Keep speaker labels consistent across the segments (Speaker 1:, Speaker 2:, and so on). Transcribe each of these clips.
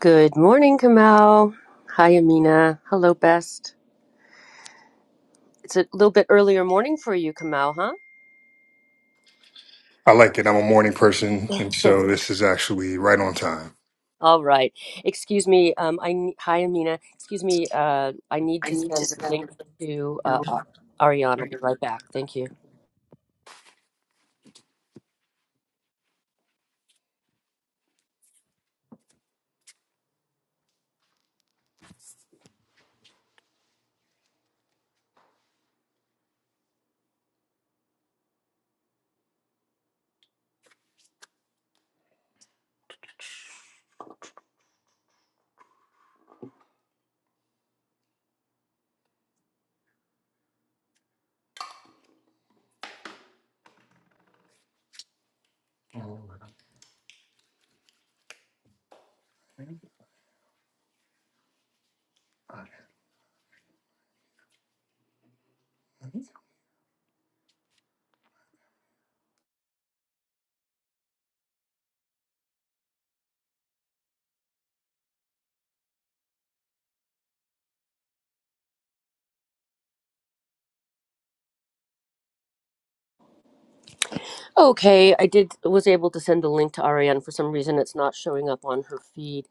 Speaker 1: Good morning, Kamal. Hi, Amina. Hello, Best. It's a little bit earlier morning for you, Kamal, huh?
Speaker 2: I like it. I'm a morning person, and so this is actually right on time.
Speaker 1: All right. Excuse me. Um, I ne- hi, Amina. Excuse me. Uh, I need
Speaker 2: I'll
Speaker 1: to
Speaker 2: need to
Speaker 1: send a
Speaker 2: spend
Speaker 1: link
Speaker 2: a
Speaker 1: to uh, uh, Ariane. I'll be right back. Thank you. Okay, I did was able to send a link to Ariane. For some reason, it's not showing up on her feed.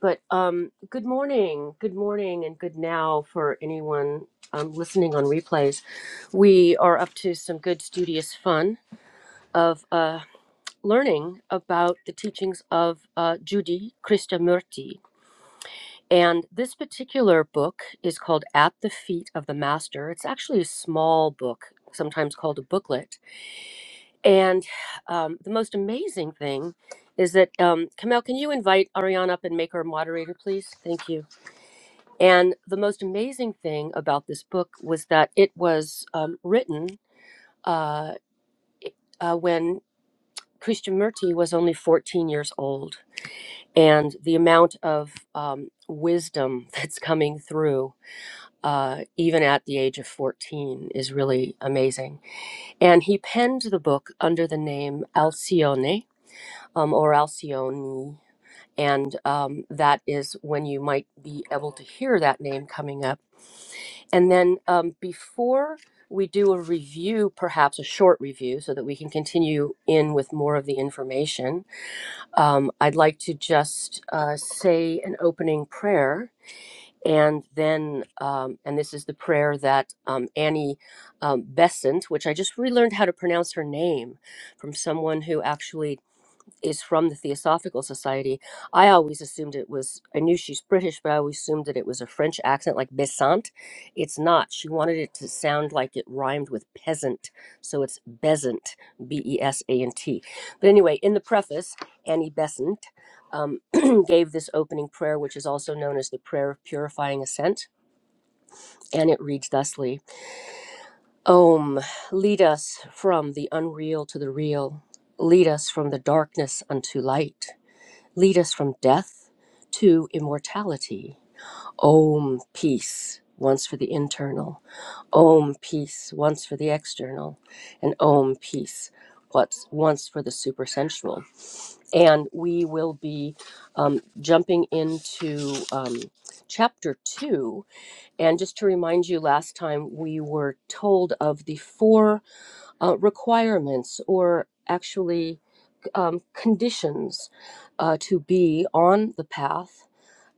Speaker 1: But um, good morning, good morning, and good now for anyone um, listening on replays. We are up to some good studious fun of uh, learning about the teachings of uh, Judy Krishnamurti. And this particular book is called At the Feet of the Master. It's actually a small book, sometimes called a booklet. And um, the most amazing thing is that, um, Kamel, can you invite Ariane up and make her a moderator, please? Thank you. And the most amazing thing about this book was that it was um, written uh, uh, when Krishnamurti was only 14 years old and the amount of um, wisdom that's coming through uh, even at the age of 14 is really amazing and he penned the book under the name alcione um, or alcione and um, that is when you might be able to hear that name coming up and then um, before we do a review perhaps a short review so that we can continue in with more of the information um, I'd like to just uh, say an opening prayer, and then, um, and this is the prayer that um, Annie um, Besant, which I just relearned how to pronounce her name from someone who actually is from the Theosophical Society. I always assumed it was, I knew she's British, but I always assumed that it was a French accent like Besant. It's not. She wanted it to sound like it rhymed with peasant. So it's Besant, B E S A N T. But anyway, in the preface, Annie Besant um, gave this opening prayer, which is also known as the Prayer of Purifying Ascent. And it reads thusly Om, lead us from the unreal to the real, lead us from the darkness unto light. Lead us from death to immortality. Om peace, once for the internal. Om peace, once for the external. And Om peace, what's once for the supersensual. And we will be um, jumping into um, chapter two. And just to remind you, last time we were told of the four uh, requirements, or actually um, conditions uh, to be on the path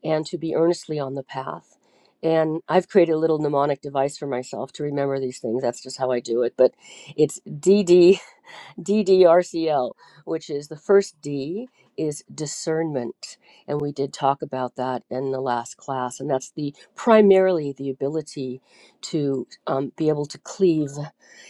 Speaker 1: and to be earnestly on the path. And I've created a little mnemonic device for myself to remember these things. That's just how I do it. But it's D D. DDRCL, which is the first D is discernment. And we did talk about that in the last class. And that's the primarily the ability to um, be able to cleave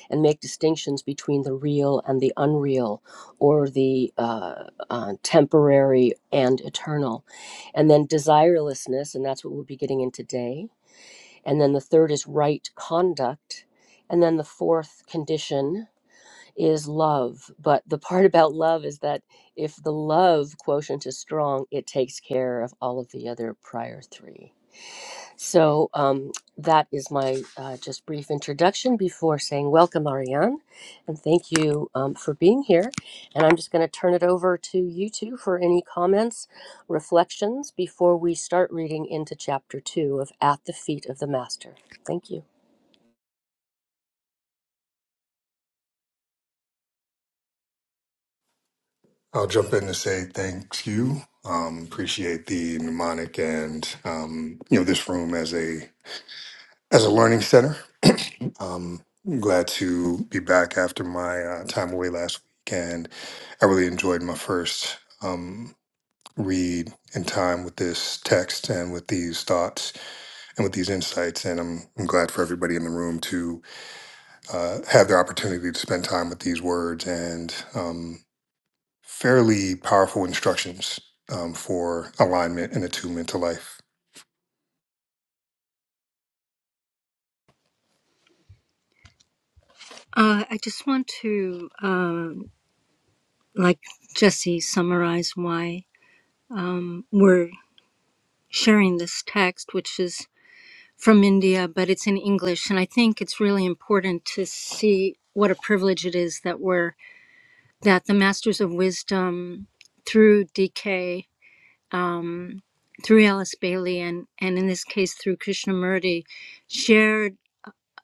Speaker 1: and make distinctions between the real and the unreal, or the uh, uh, temporary and eternal. And then desirelessness, and that's what we'll be getting in today. And then the third is right conduct. And then the fourth condition is love. But the part about love is that if the love quotient is strong, it takes care of all of the other prior three. So um, that is my uh, just brief introduction before saying welcome, Ariane, and thank you um, for being here. And I'm just going to turn it over to you two for any comments, reflections before we start reading into chapter two of At the Feet of the Master. Thank you.
Speaker 2: i jump in to say thank you. Um, appreciate the mnemonic and um, you know this room as a as a learning center. Um, I'm glad to be back after my uh, time away last week, and I really enjoyed my first um, read in time with this text and with these thoughts and with these insights. And I'm, I'm glad for everybody in the room too. uh, have their opportunity to spend time with these words and um, fairly powerful instructions um, for alignment and attunement to life.
Speaker 3: Uh, I just want to, uh, like Jesse, summarize why um, we're sharing this text, which is from India, but it's in English. And I think it's really important to see what a privilege it is that we're, that the Masters of Wisdom through DK, um, through Alice Bailey, and, and in this case through Krishnamurti, shared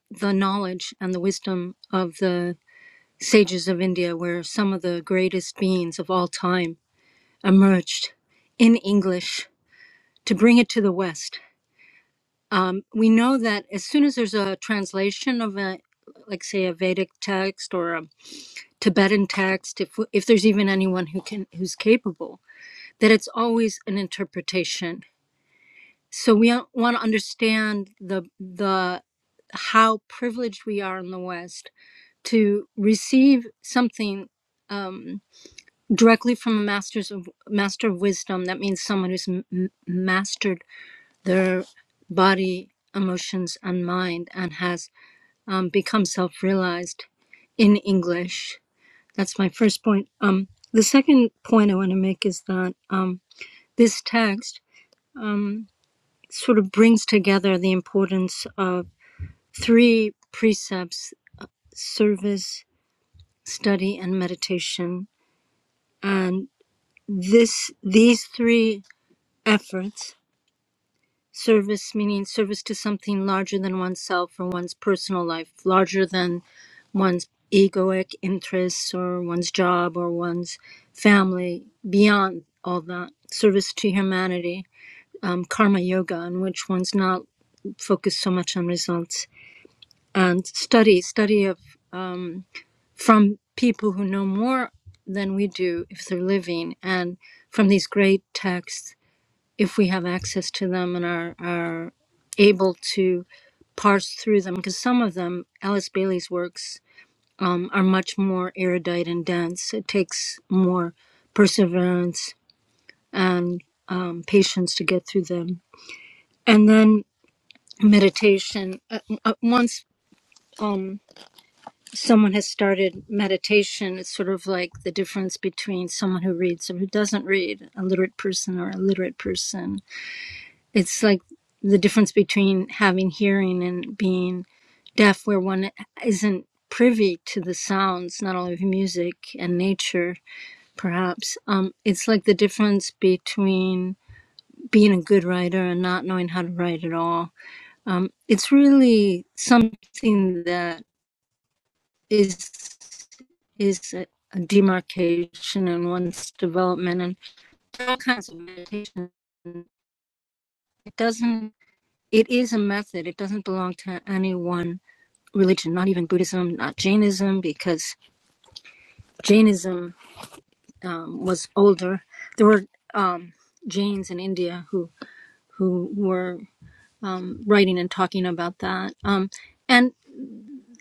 Speaker 3: the knowledge and the wisdom of the sages of India, where some of the greatest beings of all time emerged in English to bring it to the West. Um, we know that as soon as there's a translation of a, like say, a Vedic text or a Tibetan text, if if there's even anyone who can who's capable, that it's always an interpretation. So we want to understand the the how privileged we are in the West to receive something um, directly from a master's of master of wisdom that means someone who's m- mastered their body emotions and mind and has um, become self-realized in english that's my first point um, the second point i want to make is that um, this text um, sort of brings together the importance of three precepts service study and meditation and this these three efforts Service meaning service to something larger than oneself or one's personal life, larger than one's egoic interests or one's job or one's family, beyond all that. Service to humanity, um, karma yoga, in which one's not focused so much on results. And study, study of um, from people who know more than we do if they're living, and from these great texts if we have access to them and are are able to parse through them because some of them alice bailey's works um, are much more erudite and dense it takes more perseverance and um, patience to get through them and then meditation uh, uh, once um, someone has started meditation it's sort of like the difference between someone who reads and who doesn't read a literate person or a literate person It's like the difference between having hearing and being deaf, where one isn't privy to the sounds, not only of music and nature, perhaps. Um, it's like the difference between being a good writer and not knowing how to write at all. Um, it's really something that is is a, a demarcation in one's development and all kinds of meditation. It doesn't It is a method. It doesn't belong to any one religion, not even Buddhism, not Jainism, because Jainism um, was older. There were um, Jains in India who who were um, writing and talking about that. Um, and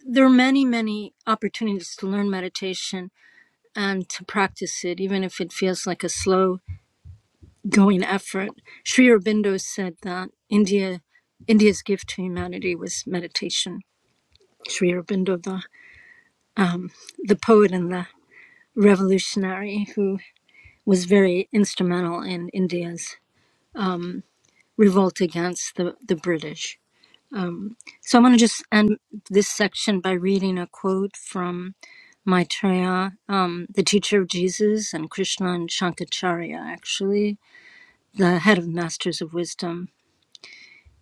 Speaker 3: there are many, many opportunities to learn meditation and to practice it, even if it feels like a slow going effort. Sri Aurobindo said that India India's gift to humanity was meditation. Sri Aurobindo, the the poet and the revolutionary who was very instrumental in India's revolt against the, the British. So I'm going to just end this section by reading a quote from Maitreya, um, the teacher of Jesus, and Krishna and Shankaracharya, actually, the head of Masters of Wisdom.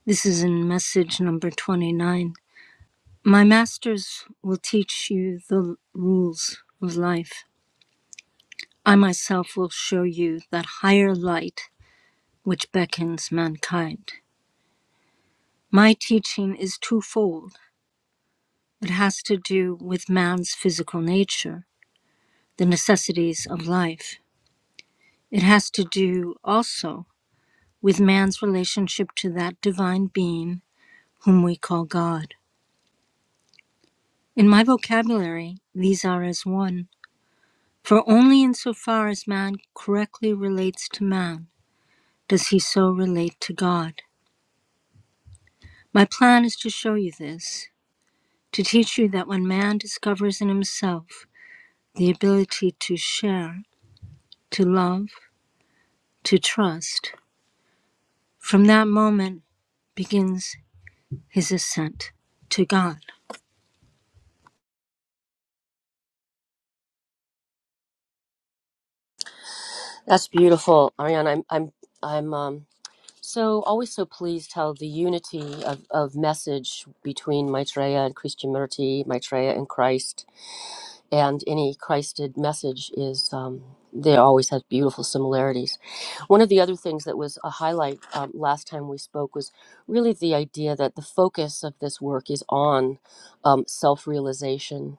Speaker 3: This is in message number 29. My masters will teach you the rules of life. I myself will show you that higher light which beckons mankind. My teaching is twofold. It has to do with man's physical nature, the necessities of life. It has to do also with man's relationship to that divine being whom we call God. In my vocabulary, these are as one, for only insofar as man correctly relates to man does he so relate to God. My plan is to show you this, to teach you that when man discovers in himself the ability to share, to love, to trust, from that moment begins his ascent to God.
Speaker 1: That's beautiful, Ariane. I'm I'm I'm um, So, always so pleased how the unity of, of message between Maitreya and Krishnamurti, Maitreya and Christ, and any Christed message is, um, they always have beautiful similarities. One of the other things that was a highlight um, last time we spoke was really the idea that the focus of this work is on um, self realization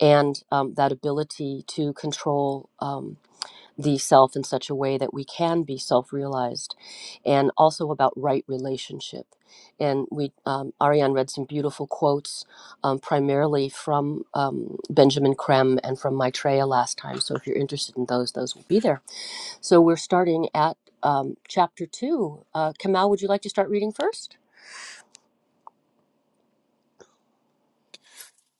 Speaker 1: and um, that ability to control. um, the self in such a way that we can be self-realized and also about right relationship and we um, ariane read some beautiful quotes um, primarily from um, benjamin krem and from maitreya last time so if you're interested in those those will be there so we're starting at um, chapter two uh, kamal would you like to start reading first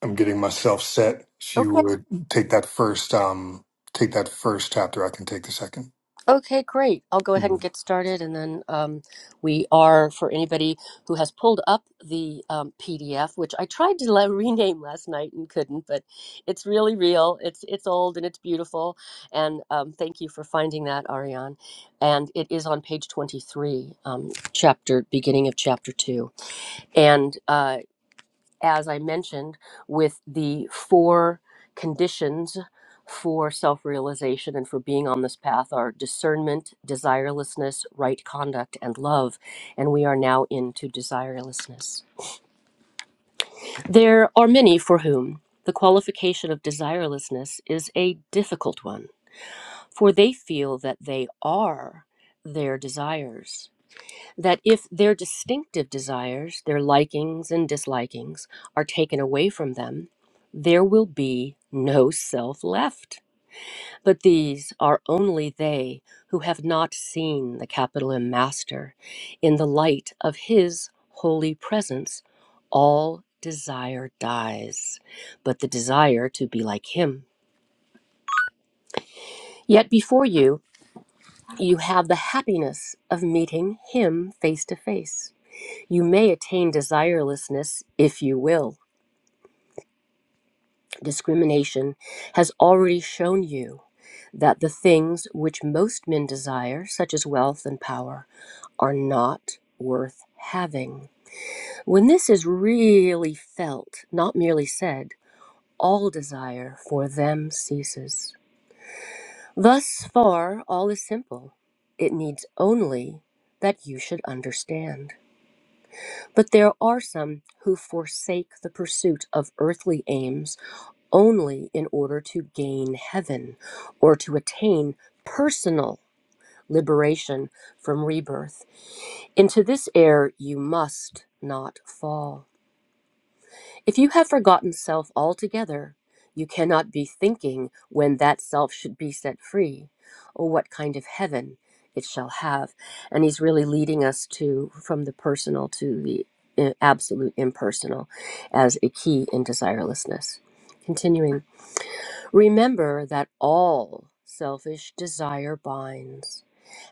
Speaker 2: I'm getting myself set. If you
Speaker 1: Okay.
Speaker 2: would take that first, um, take that first chapter, I can take the second.
Speaker 1: Okay, great. I'll go ahead and get started. And then um, we are, for anybody who has pulled up the um, PDF, which I tried to la- rename last night and couldn't, but it's really real. It's it's old and it's beautiful. And um, thank you for finding that, Ariane. And it is on page 23, um, chapter beginning of chapter two. And uh, as I mentioned, with the four conditions for self realization and for being on this path are discernment, desirelessness, right conduct, and love. And we are now into desirelessness. There are many for whom the qualification of desirelessness is a difficult one, for they feel that they are their desires that if their distinctive desires, their likings and dislikings, are taken away from them, there will be no self left. But these are only they who have not seen the capital M Master in the light of his holy presence. All desire dies, but the desire to be like him. Yet before you, you have the happiness of meeting him face to face. You may attain desirelessness if you will. Discrimination has already shown you that the things which most men desire, such as wealth and power, are not worth having. When this is really felt, not merely said, all desire for them ceases. Thus far, all is simple. It needs only that you should understand. But there are some who forsake the pursuit of earthly aims only in order to gain heaven or to attain personal liberation from rebirth. Into this error you must not fall. If you have forgotten self altogether, you cannot be thinking when that self should be set free, or what kind of heaven it shall have. And he's really leading us to from the personal to the i- absolute impersonal as a key in desirelessness. Continuing, remember that all selfish desire binds,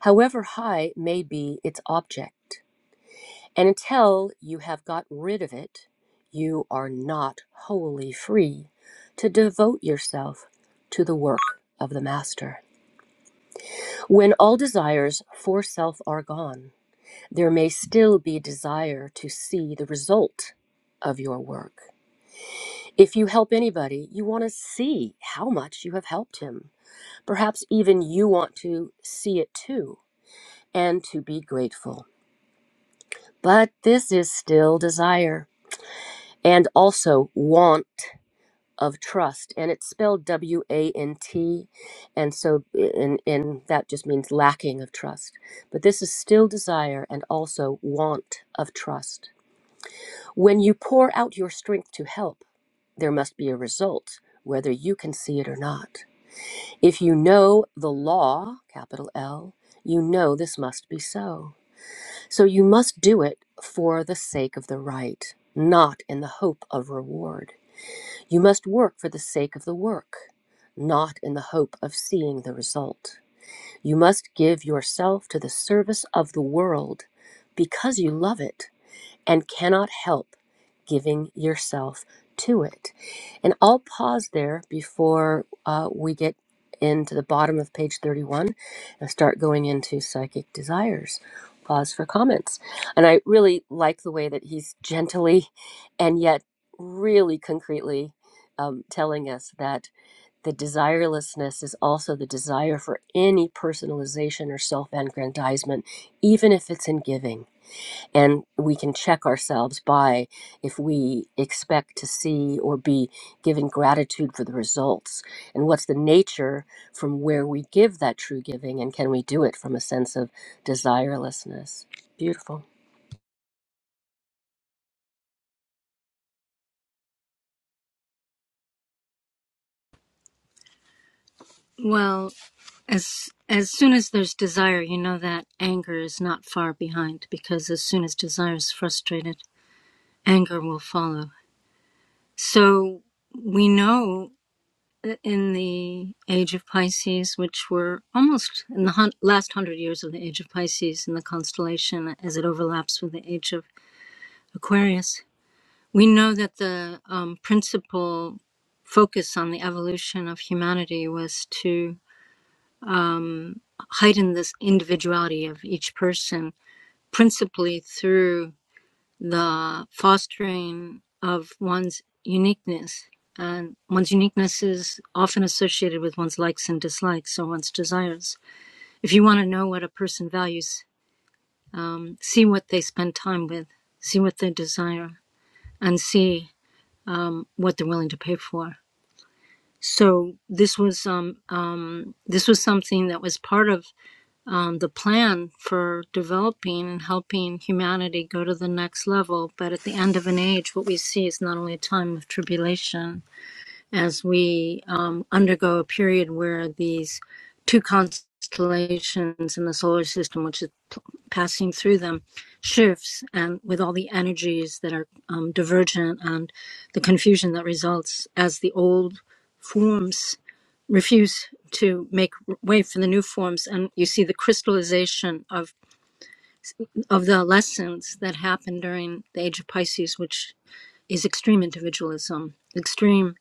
Speaker 1: however high may be its object. And until you have got rid of it, you are not wholly free to devote yourself to the work of the Master. When all desires for self are gone, there may still be desire to see the result of your work. If you help anybody, you want to see how much you have helped him. Perhaps even you want to see it too and to be grateful. But this is still desire and also want of trust and it's spelled w-a-n-t and so and, and that just means lacking of trust but this is still desire and also want of trust when you pour out your strength to help there must be a result whether you can see it or not if you know the law capital l you know this must be so so you must do it for the sake of the right not in the hope of reward you must work for the sake of the work, not in the hope of seeing the result. You must give yourself to the service of the world because you love it and cannot help giving yourself to it. And I'll pause there before uh, we get into the bottom of page 31 and start going into psychic desires. Pause for comments. And I really like the way that he's gently and yet really concretely um, telling us that the desirelessness is also the desire for any personalization or self aggrandizement, even if it's in giving and we can check ourselves by if we expect to see or be given gratitude for the results and what's the nature from where we give that true giving and can we do it from a sense of desirelessness beautiful
Speaker 3: Well, as as soon as there's desire, you know that anger is not far behind because as soon as desire is frustrated, anger will follow. So we know in the age of Pisces, which were almost in the hun- last hundred years of the age of Pisces in the constellation as it overlaps with the age of Aquarius, We know that the um, principal focus on the evolution of humanity was to heighten this individuality of each person, principally through the fostering of one's uniqueness. And one's uniqueness is often associated with one's likes and dislikes or one's desires. If you want to know what a person values, um, see what they spend time with, see what they desire, and see um, what they're willing to pay for so this was um, um, this was something that was part of um, the plan for developing and helping humanity go to the next level. But at the end of an age, what we see is not only a time of tribulation as we um, undergo a period where these two constellations in the solar system, which is p- passing through them, shifts, and with all the energies that are um, divergent and the confusion that results as the old forms refuse to make way for the new forms and you see the crystallization of of the lessons that happened during the age of pisces which is extreme individualism extreme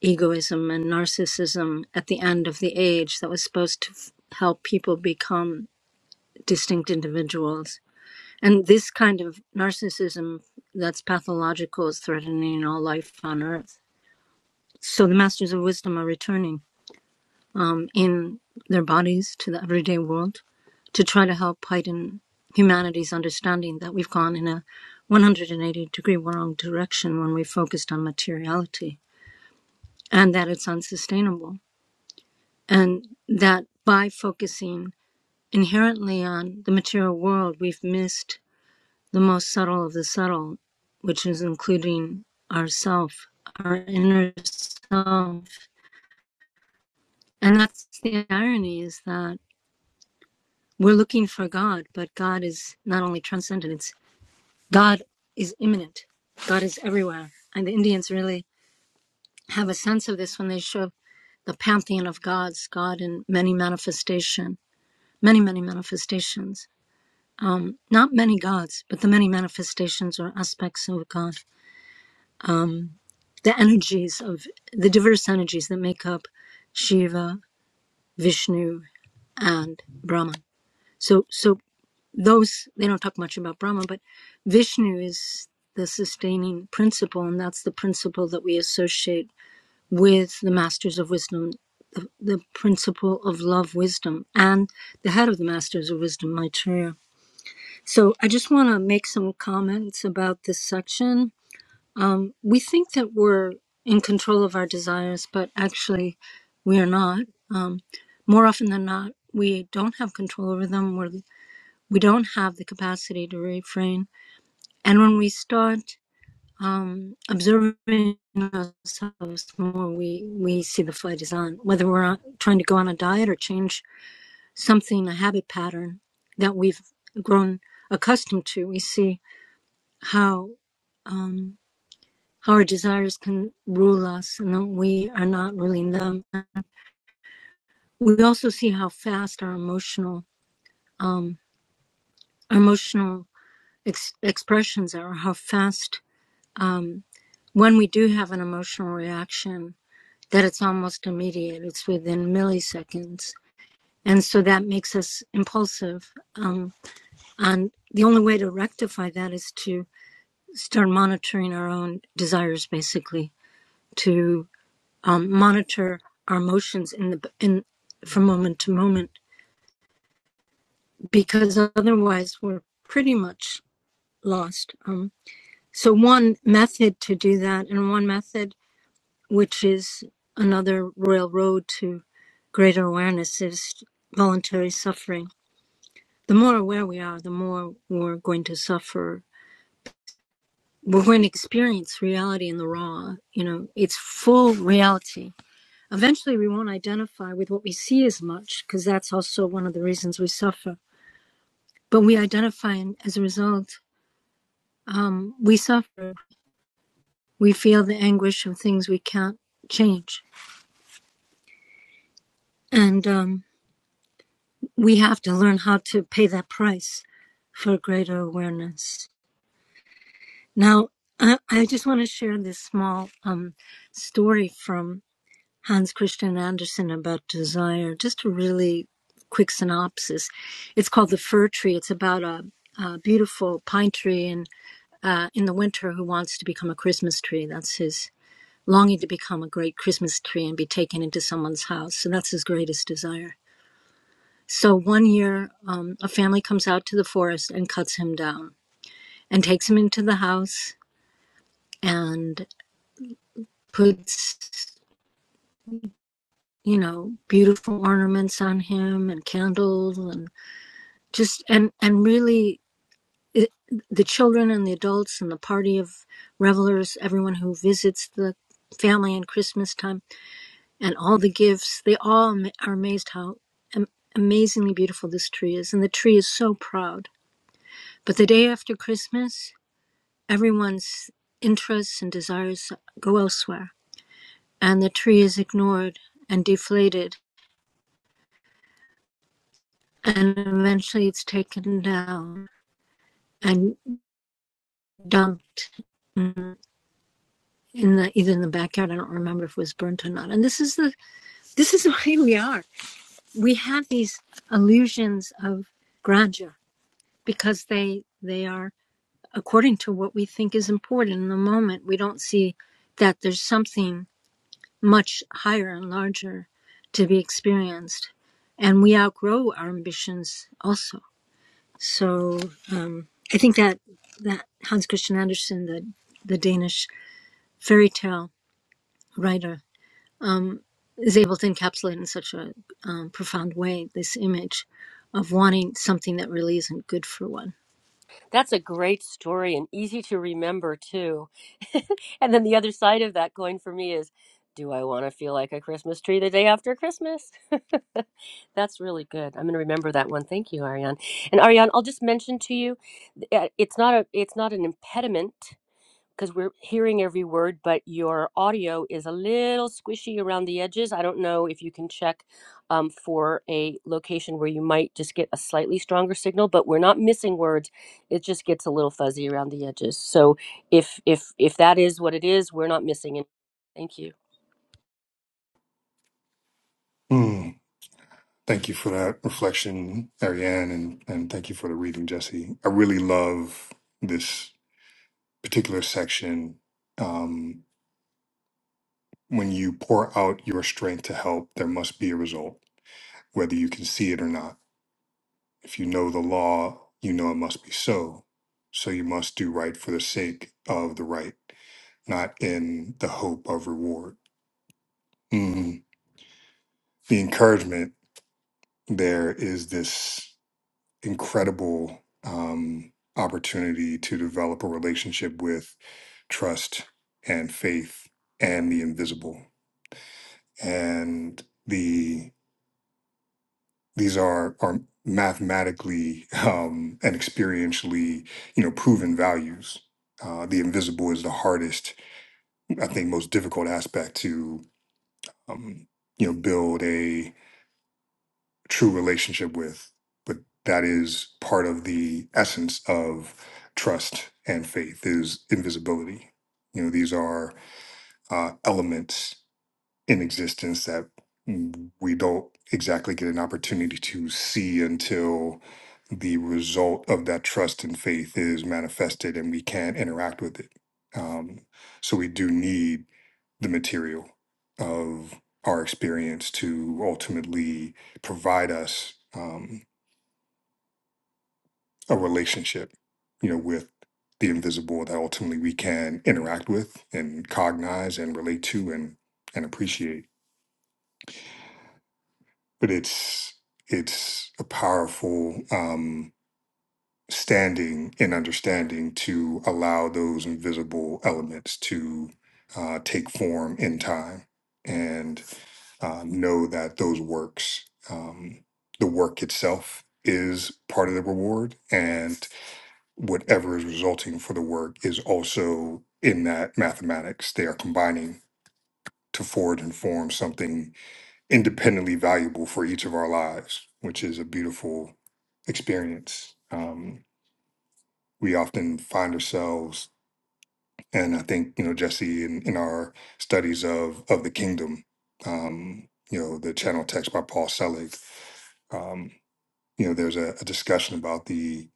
Speaker 3: egoism and narcissism at the end of the age that was supposed to f- help people become distinct individuals and this kind of narcissism that's pathological is threatening all life on earth so the masters of wisdom are returning in their bodies to the everyday world to try to help heighten humanity's understanding that we've gone in a 180 degree wrong direction when we focused on materiality and that it's unsustainable. And that by focusing inherently on the material world, we've missed the most subtle of the subtle, which is including ourself, our inner self. And that's the irony is that We're looking for God, but God is not only transcendent, it's God is immanent. God is everywhere. And the Indians really have a sense of this when they show the pantheon of gods, God in many manifestation, many, many manifestations. Not many gods, but the many manifestations or aspects of God. The energies of the diverse energies that make up Shiva, Vishnu, and Brahman. So so those they don't talk much about Brahma, but Vishnu is the sustaining principle, and that's the principle that we associate with the masters of wisdom, the, the principle of love wisdom, and the head of the masters of wisdom, Maitreya. So I just want to make some comments about this section. Um, we think that we're in control of our desires, but actually, we are not. Um, more often than not, we don't have control over them. We're we don't have the capacity to refrain. And when we start um, observing ourselves more, we, we see the fight is on. Whether we're trying to go on a diet or change something, a habit pattern that we've grown accustomed to, we see how um, how our desires can rule us, and that we are not ruling them. We also see how fast our emotional um, our emotional ex- expressions are, how fast um, when we do have an emotional reaction, that it's almost immediate. It's within milliseconds. And so that makes us impulsive. Um, and the only way to rectify that is to start monitoring our own desires, basically, to um, monitor our emotions in the in from moment to moment, because otherwise we're pretty much lost. Um, so one method to do that, and one method which is another royal road to greater awareness, is voluntary suffering. The more aware we are, the more we're going to suffer. We're going to experience reality in the raw, you know, its full reality. Eventually, we won't identify with what we see as much, because that's also one of the reasons we suffer. But we identify, and as a result, um, we suffer. We feel the anguish of things we can't change. And um, we have to learn how to pay that price for greater awareness. Now, I, I just want to share this small um, story from Hans Christian Andersen about desire, just a really quick synopsis. It's called The Fir Tree. It's about a, a beautiful pine tree in, uh, in the winter who wants to become a Christmas tree. That's his longing to become a great Christmas tree and be taken into someone's house. So that's his greatest desire So one year, um, a family comes out to the forest and cuts him down and takes him into the house and puts, you know, beautiful ornaments on him and candles and just, and, and really it, the children and the adults and the party of revelers, everyone who visits the family in Christmas time and all the gifts, they all am- are amazed how am- amazingly beautiful this tree is. And the tree is so proud. But the day after Christmas, Everyone's interests and desires go elsewhere, and the tree is ignored and deflated, and eventually it's taken down and dumped in the either in the backyard. I don't remember if it was burnt or not. And this is the this is the way we are. We have these illusions of grandeur because they they are according to what we think is important in the moment. We don't see that there's something much higher and larger to be experienced. And we outgrow our ambitions also. So um, I think that, that Hans Christian Andersen, the, the Danish fairy tale writer, um, is able to encapsulate in such a um, profound way this image of wanting something that really isn't good for one.
Speaker 1: That's a great story and easy to remember too. and then the other side of that coin for me is do I want to feel like a Christmas tree the day after Christmas? That's really good. I'm going to remember that one. Thank you, Ariane. And Ariane, I'll just mention to you, th- uh, it's not a it's not an impediment because we're hearing every word, but your audio is a little squishy around the edges. I don't know if you can check um, for a location where you might just get a slightly stronger signal, but we're not missing words. It just gets a little fuzzy around the edges. So if if if that is what it is, we're not missing it. Thank you.
Speaker 2: Mm. Thank you for that reflection, Ariane, and, and thank you for the reading, Jesse. I really love this particular section. Um, when you pour out your strength to help, there must be a result, whether you can see it or not If you know the law, you know it must be so. So you must do right for the sake of the right, not in the hope of reward. Mhm. The encouragement there is this incredible um, opportunity to develop a relationship with trust and faith and the invisible. And the these are are mathematically um, and experientially you know proven values uh, the invisible is the hardest i think most difficult aspect to um, you know build a true relationship with but that is part of the essence of trust and faith is invisibility you know these are uh, elements in existence that mm, we don't exactly get an opportunity to see until the result of that trust and faith is manifested and we can interact with it. Um, so we do need the material of our experience to ultimately provide us um, a relationship, you know, with the invisible that ultimately we can interact with and cognize and relate to and and appreciate. but it's it's a powerful um, standing and understanding to allow those invisible elements to uh, take form in time and uh, know that those works, um, the work itself, is part of the reward, and whatever is resulting for the work is also in that mathematics. They are combining to forge and form something independently valuable for each of our lives, which is a beautiful experience. Um, we often find ourselves, and I think you know Jesse in, in our studies of of the kingdom, um, you know the channel text by Paul Selig. Um, you know, there's a, a discussion about the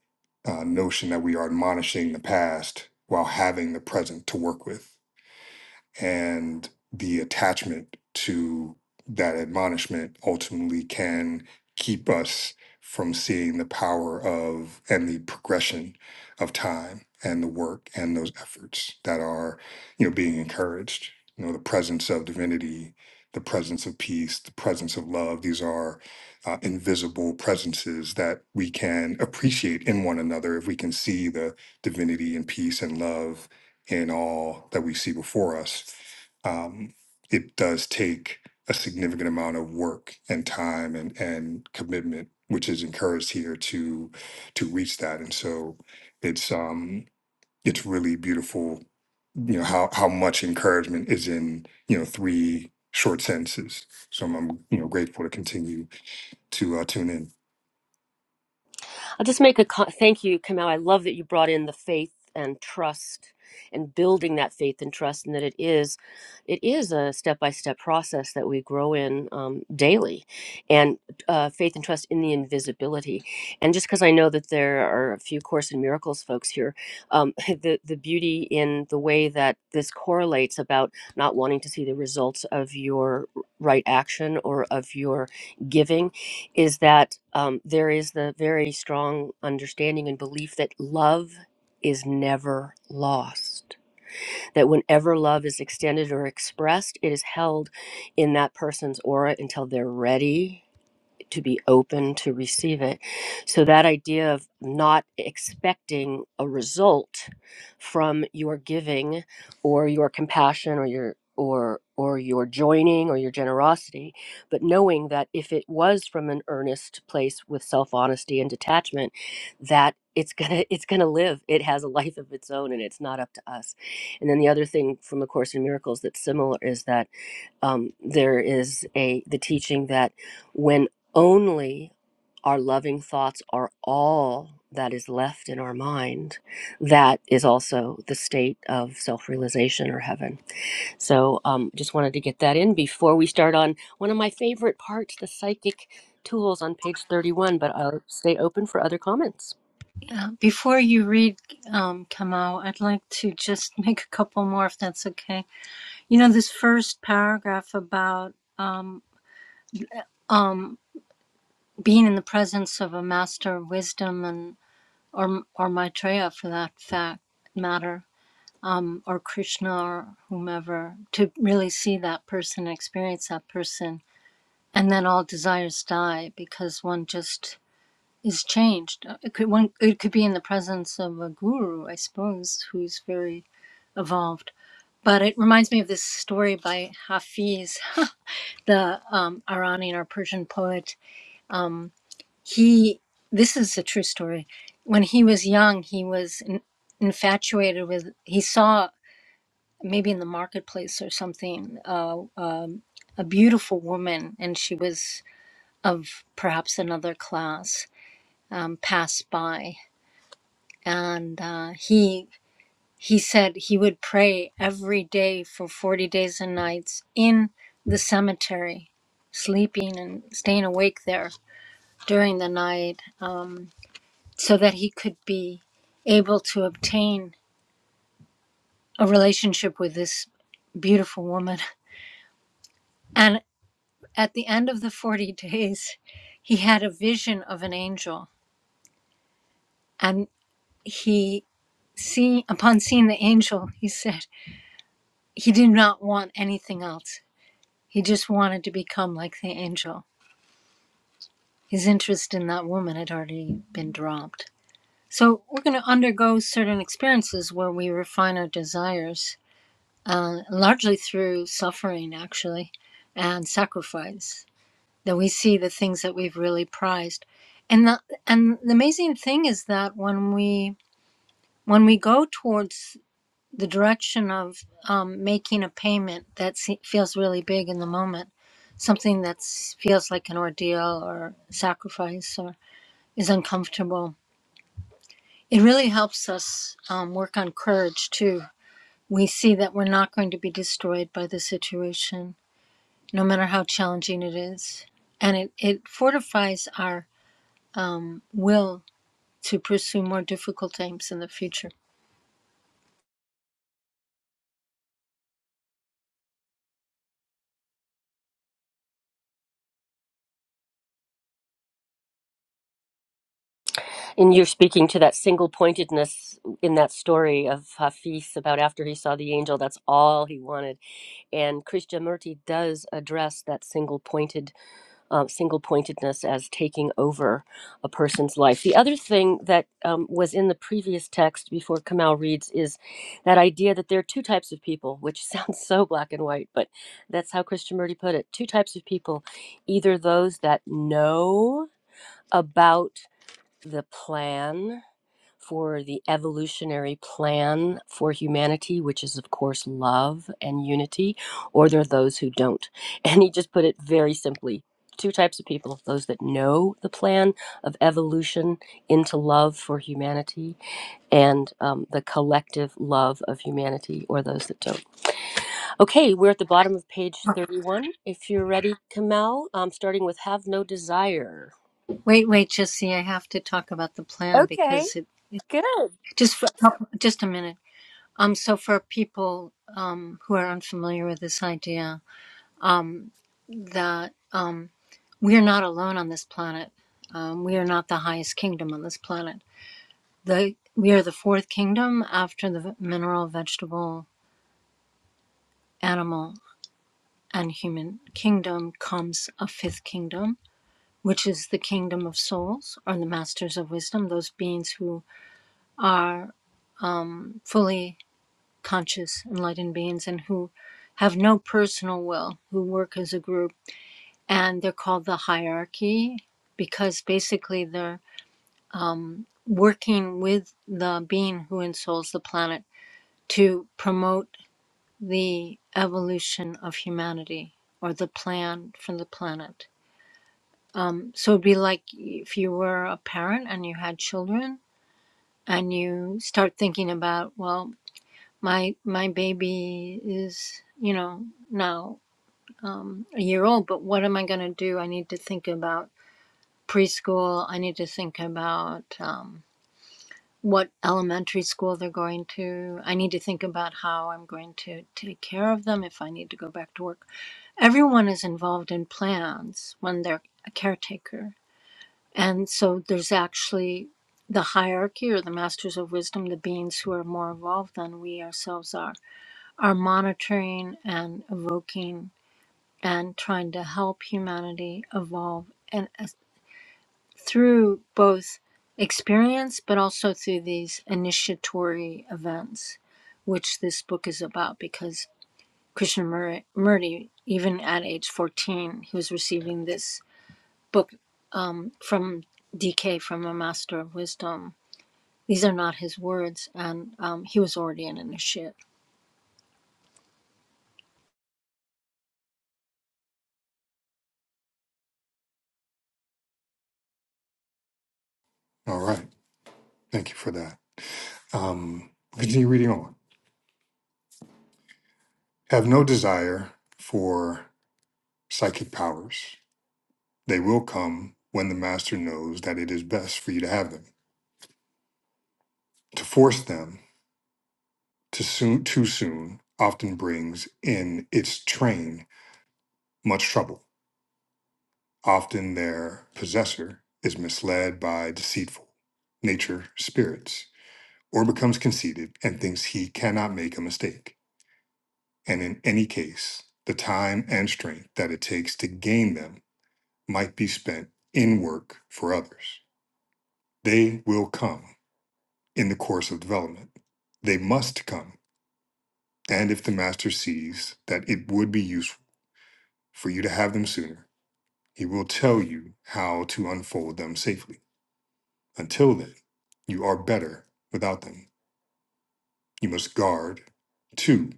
Speaker 2: uh, notion that we are admonishing the past while having the present to work with and the attachment to that admonishment ultimately can keep us from seeing the power of and the progression of time and the work and those efforts that are you know being encouraged you know the presence of divinity the presence of peace the presence of love these are uh, invisible presences that we can appreciate in one another if we can see the divinity and peace and love in all that we see before us, um, it does take a significant amount of work and time and, and commitment, which is encouraged here to to reach that. And so it's um, it's really beautiful, you know, how how much encouragement is in you know three short sentences. So I'm, I'm you know grateful to continue to uh, tune in.
Speaker 1: I'll just make a co- thank you, Kamau. I love that you brought in the faith and trust and building that faith and trust, and that it is, it is a step-by-step process that we grow in um, daily, and uh, faith and trust in the invisibility. And just because I know that there are a few Course in Miracles folks here, um, the the beauty in the way that this correlates about not wanting to see the results of your right action or of your giving is that um, there is the very strong understanding and belief that love is never lost. That whenever love is extended or expressed, it is held in that person's aura until they're ready to be open to receive it. So that idea of not expecting a result from your giving or your compassion or your or or your joining or your generosity, but knowing that if it was from an earnest place with self-honesty and detachment, that it's gonna it's gonna live. It has a life of its own and it's not up to us. And then the other thing from A Course in Miracles that's similar is that um, there is a the teaching that when only our loving thoughts are all that is left in our mind, that is also the state of self-realization or heaven. So, um, just wanted to get that in before we start on one of my favorite parts, the psychic tools on page 31. But I'll stay open for other comments.
Speaker 3: Yeah. Before you read, um, Kamau, I'd like to just make a couple more, if that's okay. You know, this first paragraph about um, um, being in the presence of a master of wisdom and or or Maitreya for that fact matter, um, or Krishna or whomever, to really see that person, experience that person, and then all desires die because one just is changed. Uh, It could one it could be in the presence of a guru, I suppose, who's very evolved. But it reminds me of this story by Hafiz, the um, Iranian or Persian poet, um, he this is a true story when he was young he was in, infatuated with he saw maybe in the marketplace or something uh, um, a beautiful woman and she was of perhaps another class um, passed by and uh, he he said he would pray every day for 40 days and nights in the cemetery sleeping and staying awake there during the night Um, so that he could be able to obtain a relationship with this beautiful woman. And at the end of the 40 days, he had a vision of an angel. And he, see, upon seeing the angel, he said he did not want anything else. He just wanted to become like the angel. His interest in that woman had already been dropped. So we're going to undergo certain experiences where we refine our desires uh, largely through suffering, actually, and sacrifice, that we see the things that we've really prized. And the and the amazing thing is that when we when we go towards the direction of um, making a payment that se- feels really big in the moment, something that feels like an ordeal or sacrifice or is uncomfortable, it really helps us um, work on courage too. We see that we're not going to be destroyed by the situation no matter how challenging it is. And it, it fortifies our um, will to pursue more difficult aims in the future.
Speaker 1: And you're speaking to that single pointedness in that story of Hafiz about after he saw the angel. That's all he wanted and Krishnamurti does address that single pointed uh, single pointedness as taking over a person's life. The other thing that um, was in the previous text before Kamal reads is that idea that there are two types of people, which sounds so black and white, but that's how Krishnamurti put it. Two types of people, either those that know about the plan for the evolutionary plan for humanity, which is, of course, love and unity, or there are those who don't. And he just put it very simply two types of people those that know the plan of evolution into love for humanity and um, the collective love of humanity or those that don't okay we're at the bottom of page 31 if you're ready kamel um, starting with have no desire
Speaker 3: Wait, wait, Jesse, I have to talk about the plan
Speaker 1: okay
Speaker 3: because it
Speaker 1: good
Speaker 3: just for, just a minute. Um, so for people um, who are unfamiliar with this idea, um, that um, we are not alone on this planet. Um, we are not the highest kingdom on this planet. The we are the fourth kingdom after the mineral, vegetable, animal, and human kingdom comes a fifth kingdom, which is the kingdom of souls or the masters of wisdom, those beings who are um, fully conscious, enlightened beings and who have no personal will, who work as a group. And they're called the hierarchy because basically they're um, working with the being who ensouls the planet to promote the evolution of humanity or the plan for the planet Um, so it'd be like if you were a parent and you had children and you start thinking about, well, my my baby is, you know, now um, a year old, but what am I going to do? I need to think about preschool. I need to think about um, what elementary school they're going to. I need to think about how I'm going to take care of them if I need to go back to work. Everyone is involved in plans when they're a caretaker And so there's actually the hierarchy or the masters of wisdom, the beings who are more evolved than we ourselves are, are monitoring and evoking and trying to help humanity evolve and as- through both experience but also through these initiatory events which this book is about because Krishnamurti even at age 14 he was receiving this book um, from DK from a Master of Wisdom. These are not his words, and um, he was already in initiate.
Speaker 2: All right, thank you for that. Um, continue reading on. Have no desire for psychic powers. They will come when the master knows that it is best for you to have them. To force them to soon, too soon often brings in its train much trouble. Often their possessor is misled by deceitful nature spirits or becomes conceited and thinks he cannot make a mistake. And in any case, the time and strength that it takes to gain them might be spent in work for others. They will come in the course of development. They must come. And if the master sees that it would be useful for you to have them sooner, he will tell you how to unfold them safely. Until then, you are better without them. You must guard, two,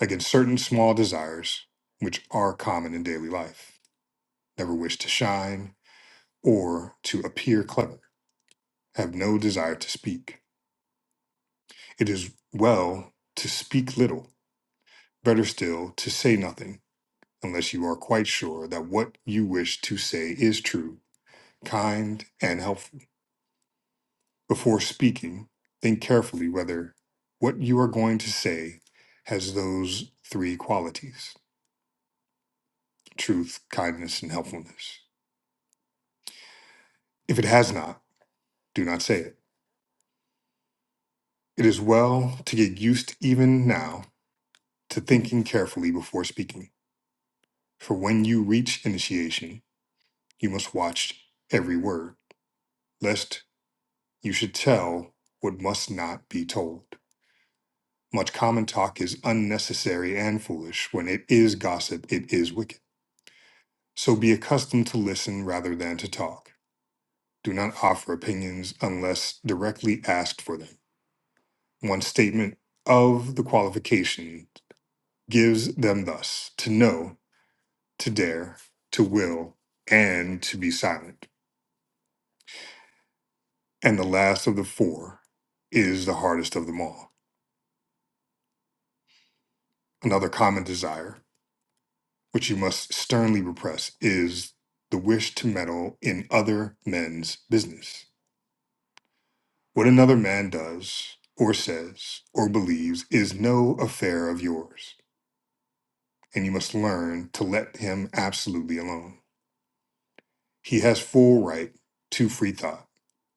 Speaker 2: against certain small desires which are common in daily life. Never wish to shine or to appear clever. Have no desire to speak It is well to speak little, better still, to say nothing, unless you are quite sure that what you wish to say is true, kind, and helpful. Before speaking, think carefully whether what you are going to say has those three qualities truth, kindness, and helpfulness. If it has not, do not say it. It is well to get used even now to thinking carefully before speaking, for when you reach initiation, you must watch every word. lest you should tell what must not be told. Much common talk is unnecessary and foolish. When it is gossip, it is wicked. So be accustomed to listen rather than to talk. Do not offer opinions unless directly asked for them. One statement of the qualification gives them thus to know, to dare, to will, and to be silent. And the last of the four is the hardest of them all. Another common desire which you must sternly repress, is the wish to meddle in other men's business. What another man does, or says, or believes is no affair of yours, and you must learn to let him absolutely alone. He has full right to free thought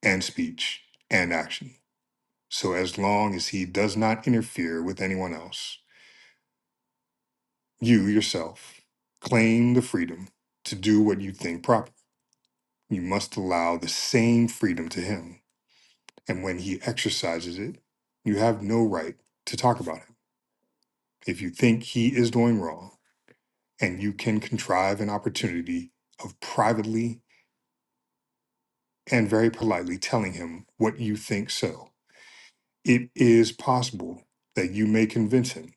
Speaker 2: and speech and action. So, as long as he does not interfere with anyone else, you yourself claim the freedom to do what you think proper You must allow the same freedom to him. And when he exercises it, you have no right to talk about him. If you think he is doing wrong and you can contrive an opportunity of privately and very politely telling him what you think so, it is possible that you may convince him.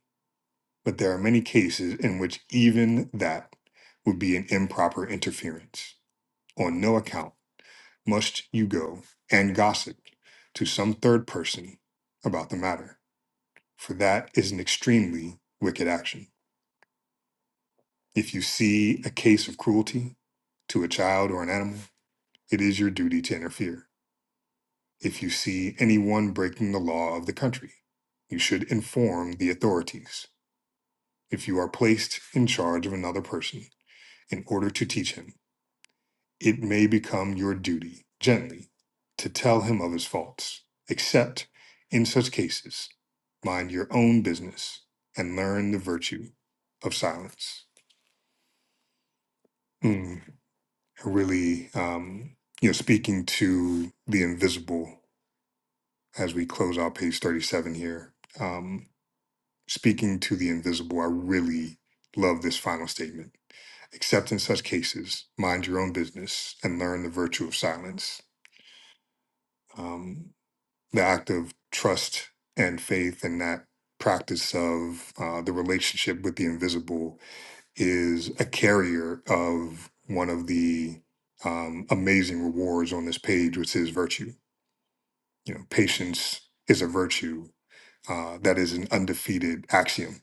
Speaker 2: But there are many cases in which even that would be an improper interference. On no account must you go and gossip to some third person about the matter? For that is an extremely wicked action. If you see a case of cruelty to a child or an animal, it is your duty to interfere. If you see anyone breaking the law of the country, you should inform the authorities. If you are placed in charge of another person in order to teach him, it may become your duty gently to tell him of his faults, except in such cases, mind your own business and learn the virtue of silence. Mm, really, um, you know, speaking to the invisible as we close out page 37 here, um, speaking to the invisible, I really love this final statement. Except in such cases, mind your own business and learn the virtue of silence. Um, the act of trust and faith and that practice of uh, the relationship with the invisible is a carrier of one of the um, amazing rewards on this page, which is virtue. You know, patience is a virtue uh, that is an undefeated axiom.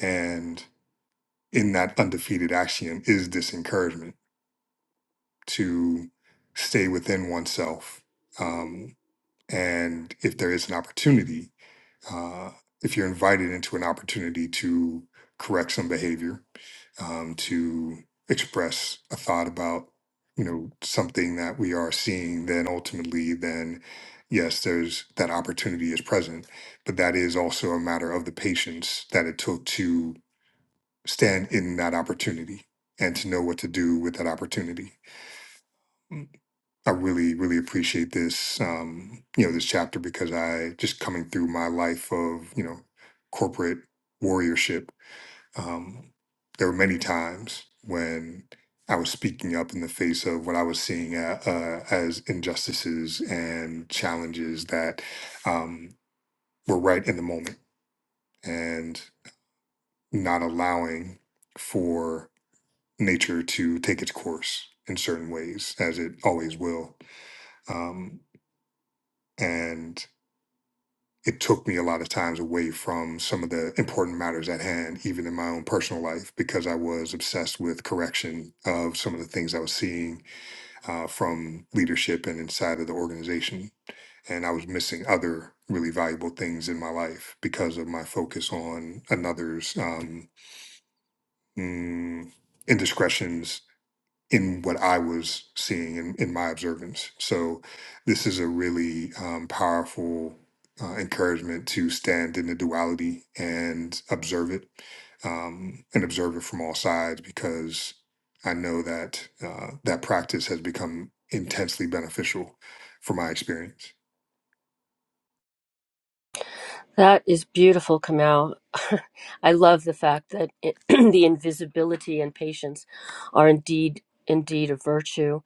Speaker 2: And in that undefeated axiom is this encouragement to stay within oneself. Um, and if there is an opportunity, uh, if you're invited into an opportunity to correct some behavior, um, to express a thought about, you know, something that we are seeing, then ultimately, then yes, there's that opportunity is present, but that is also a matter of the patience that it took to stand in that opportunity and to know what to do with that opportunity. I really, really appreciate this, um, you know, this chapter because I just coming through my life of, you know, corporate warriorship. Um, there were many times when I was speaking up in the face of what I was seeing uh, uh, as injustices and challenges that um, were right in the moment and not allowing for nature to take its course in certain ways, as it always will. Um, and it took me a lot of times away from some of the important matters at hand, even in my own personal life, because I was obsessed with correction of some of the things I was seeing uh, from leadership and inside of the organization. And I was missing other really valuable things in my life because of my focus on another's um, mm, indiscretions in what I was seeing in, in my observance. So this is a really um, powerful uh, encouragement to stand in the duality and observe it um, and observe it from all sides because I know that uh, that practice has become intensely beneficial for my experience.
Speaker 1: That is beautiful, Kamau. I love the fact that it, the invisibility and patience are indeed indeed a virtue.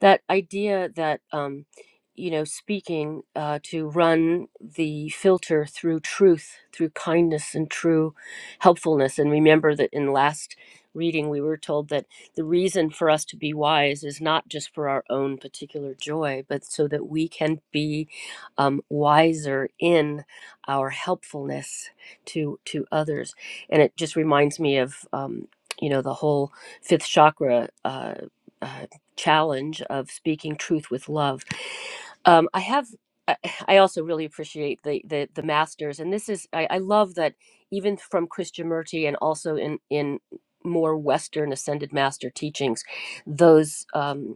Speaker 1: That idea that um, you know, speaking uh, to run the filter through truth, through kindness and true helpfulness. And remember that in the last reading we were told that the reason for us to be wise is not just for our own particular joy, but so that we can be um, wiser in our helpfulness to to others and it just reminds me of um, you know the whole fifth chakra uh, uh, challenge of speaking truth with love um, i have I I also really appreciate the, the the masters, and this is I, I love that even from Krishnamurti and also in in more Western ascended master teachings, those um,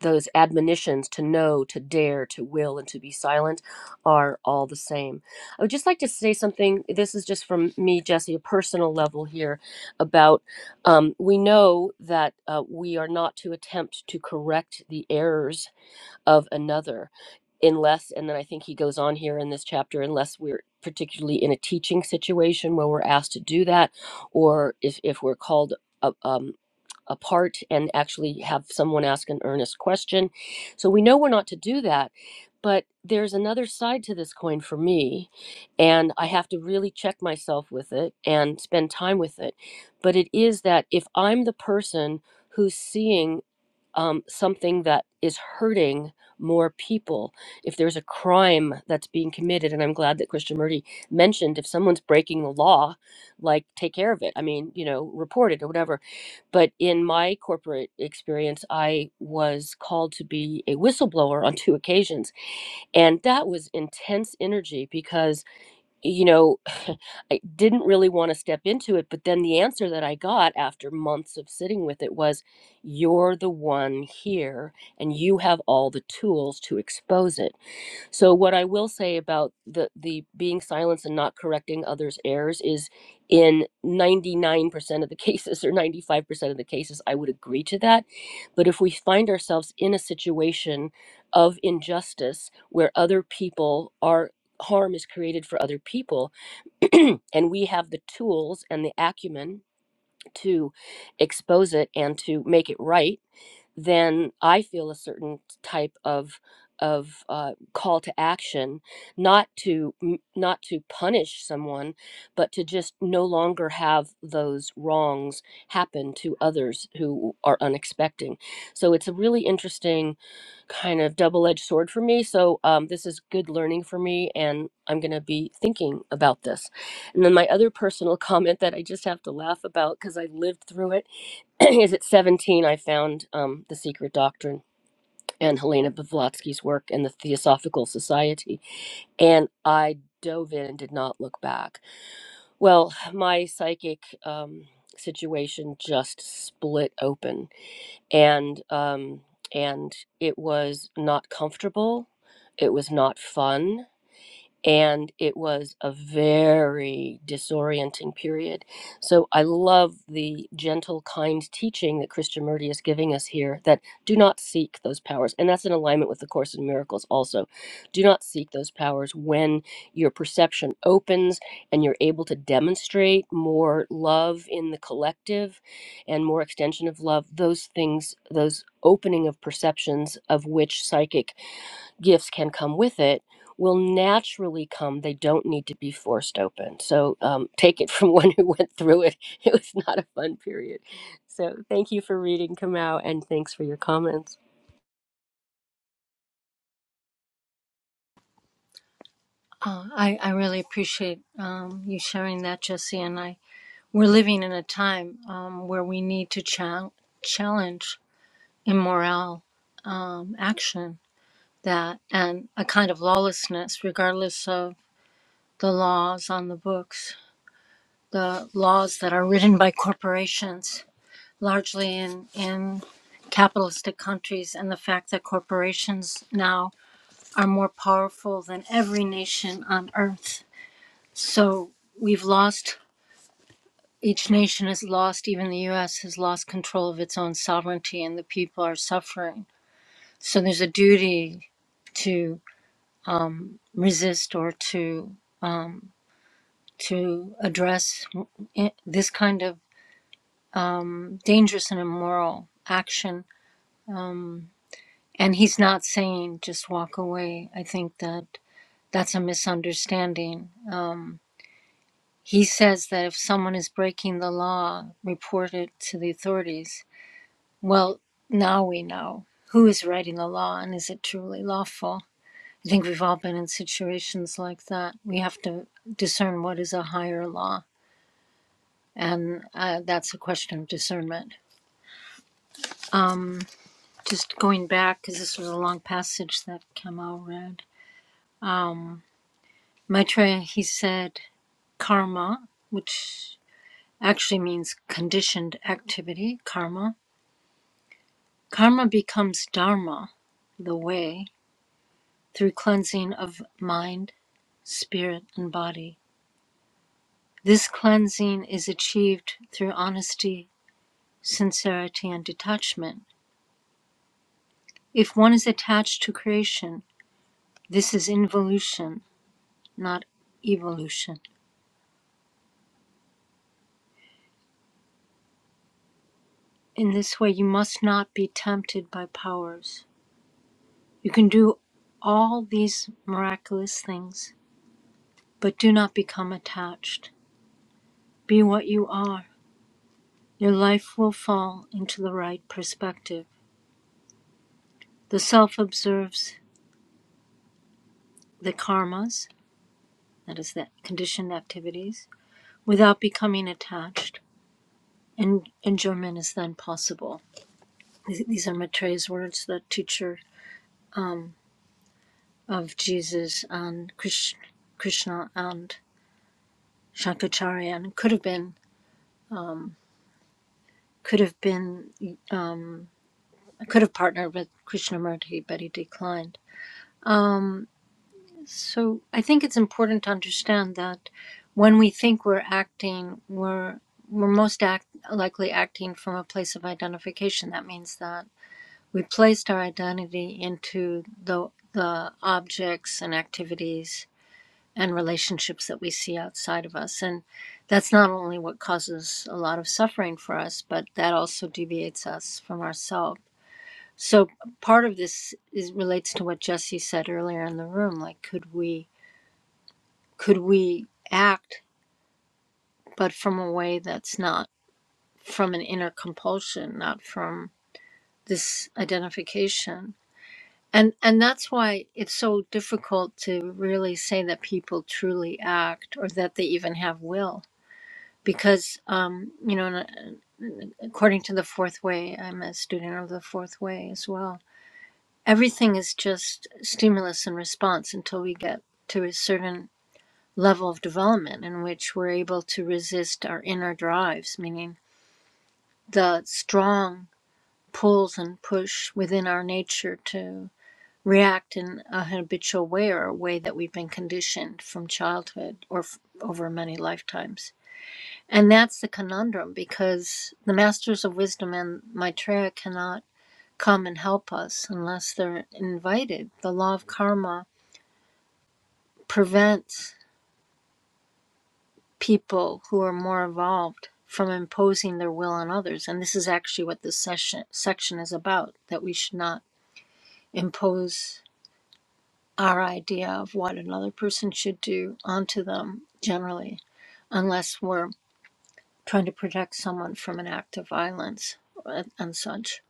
Speaker 1: those admonitions to know, to dare, to will, and to be silent are all the same. I would just like to say something. This is just from me, Jesse, a personal level here about um, we know that uh, we are not to attempt to correct the errors of another unless, and then I think he goes on here in this chapter, unless we're particularly in a teaching situation where we're asked to do that, or if, if we're called. uh, um, apart and actually have someone ask an earnest question. So we know we're not to do that. But there's another side to this coin for me, and I have to really check myself with it and spend time with it. But it is that if I'm the person who's seeing um, something that is hurting more people. If there's a crime that's being committed, and I'm glad that Krishnamurti mentioned if someone's breaking the law, like take care of it. I mean, you know, report it or whatever. But in my corporate experience, I was called to be a whistleblower on two occasions. And that was intense energy because you know, I didn't really want to step into it, but then the answer that I got after months of sitting with it was, You're the one here, and you have all the tools to expose it. So what I will say about the the being silent and not correcting others' errors is in 99% of the cases or 95% of the cases I would agree to that. But if we find ourselves in a situation of injustice where other people are harm is created for other people and we have the tools and the acumen to expose it and to make it right then I feel a certain type of of uh, call to action, not to m- not to punish someone, but to just no longer have those wrongs happen to others who are unexpecting. So it's a really interesting kind of double edged sword for me. So um, this is good learning for me, and I'm going to be thinking about this. And then my other personal comment that I just have to laugh about because I lived through it is at 17 I found um, The Secret Doctrine and Helena Blavatsky's work in the Theosophical Society. And I dove in and did not look back. Well, my psychic um, situation just split open and um, and it was not comfortable. It was not fun and it was a very disorienting period. So I love the gentle, kind teaching that Krishnamurti is giving us here that do not seek those powers. And that's in alignment with the Course in Miracles also. Do not seek those powers when your perception opens and you're able to demonstrate more love in the collective and more extension of love. Those things, those opening of perceptions of which psychic gifts can come with it will naturally come they don't need to be forced open so um, take it from one who went through it it was not a fun period so thank you for reading Kamau, and thanks for your comments
Speaker 3: Uh, I I really appreciate um, you sharing that, Jesse. And I we're living in a time um, where we need to cha- challenge immoral um, action that and a kind of lawlessness, regardless of the laws on the books, the laws that are written by corporations largely in in capitalistic countries and the fact that corporations now are more powerful than every nation on earth so we've lost each nation has lost even the US has lost control of its own sovereignty and the people are suffering so there's a duty to resist or to to address i- this kind of um, dangerous and immoral action Um, And he's not saying just walk away. I think that that's a misunderstanding. Um, he says that if someone is breaking the law, report it to the authorities. Well, now we know who is writing the law and is it truly lawful. I think we've all been in situations like that. We have to discern what is a higher law. And uh, that's a question of discernment. Um, just going back, because this was a long passage that Kamal read Um, Maitreya, he said karma, which actually means conditioned activity, karma. Karma becomes dharma, the way, through cleansing of mind, spirit, and body. This cleansing is achieved through honesty, sincerity, and detachment. If one is attached to creation, this is involution, not evolution. In this way, you must not be tempted by powers You can do all these miraculous things, but do not become attached. Be what you are. Your life will fall into the right perspective. The self observes the karmas, that is, the conditioned activities, without becoming attached, and enjoyment is then possible. These are Maitreya's words, the teacher of Jesus and Krish- Krishna and Shankaracharya, and could have been could have been um, I could have partnered with Krishnamurti, but he declined. Um, so I think it's important to understand that when we think we're acting, we're we're most act, likely acting from a place of identification. That means that we placed our identity into the the objects and activities and relationships that we see outside of us, and that's not only what causes a lot of suffering for us, but that also deviates us from ourselves so part of this is relates to what Jesse said earlier in the room. Like, could we could we act, but from a way that's not from an inner compulsion, not from this identification, and and that's why it's so difficult to really say that people truly act or that they even have will, because um, you know, and, uh, according to the fourth way, I'm a student of the fourth way as well everything is just stimulus and response until we get to a certain level of development in which we're able to resist our inner drives, meaning the strong pulls and push within our nature to react in a habitual way or a way that we've been conditioned from childhood or f- over many lifetimes. And that's the conundrum because the masters of wisdom and Maitreya cannot come and help us unless they're invited. The law of karma prevents people who are more evolved from imposing their will on others. And this is actually what this session, section is about that we should not impose our idea of what another person should do onto them generally, unless we're trying to protect someone from an act of violence and and such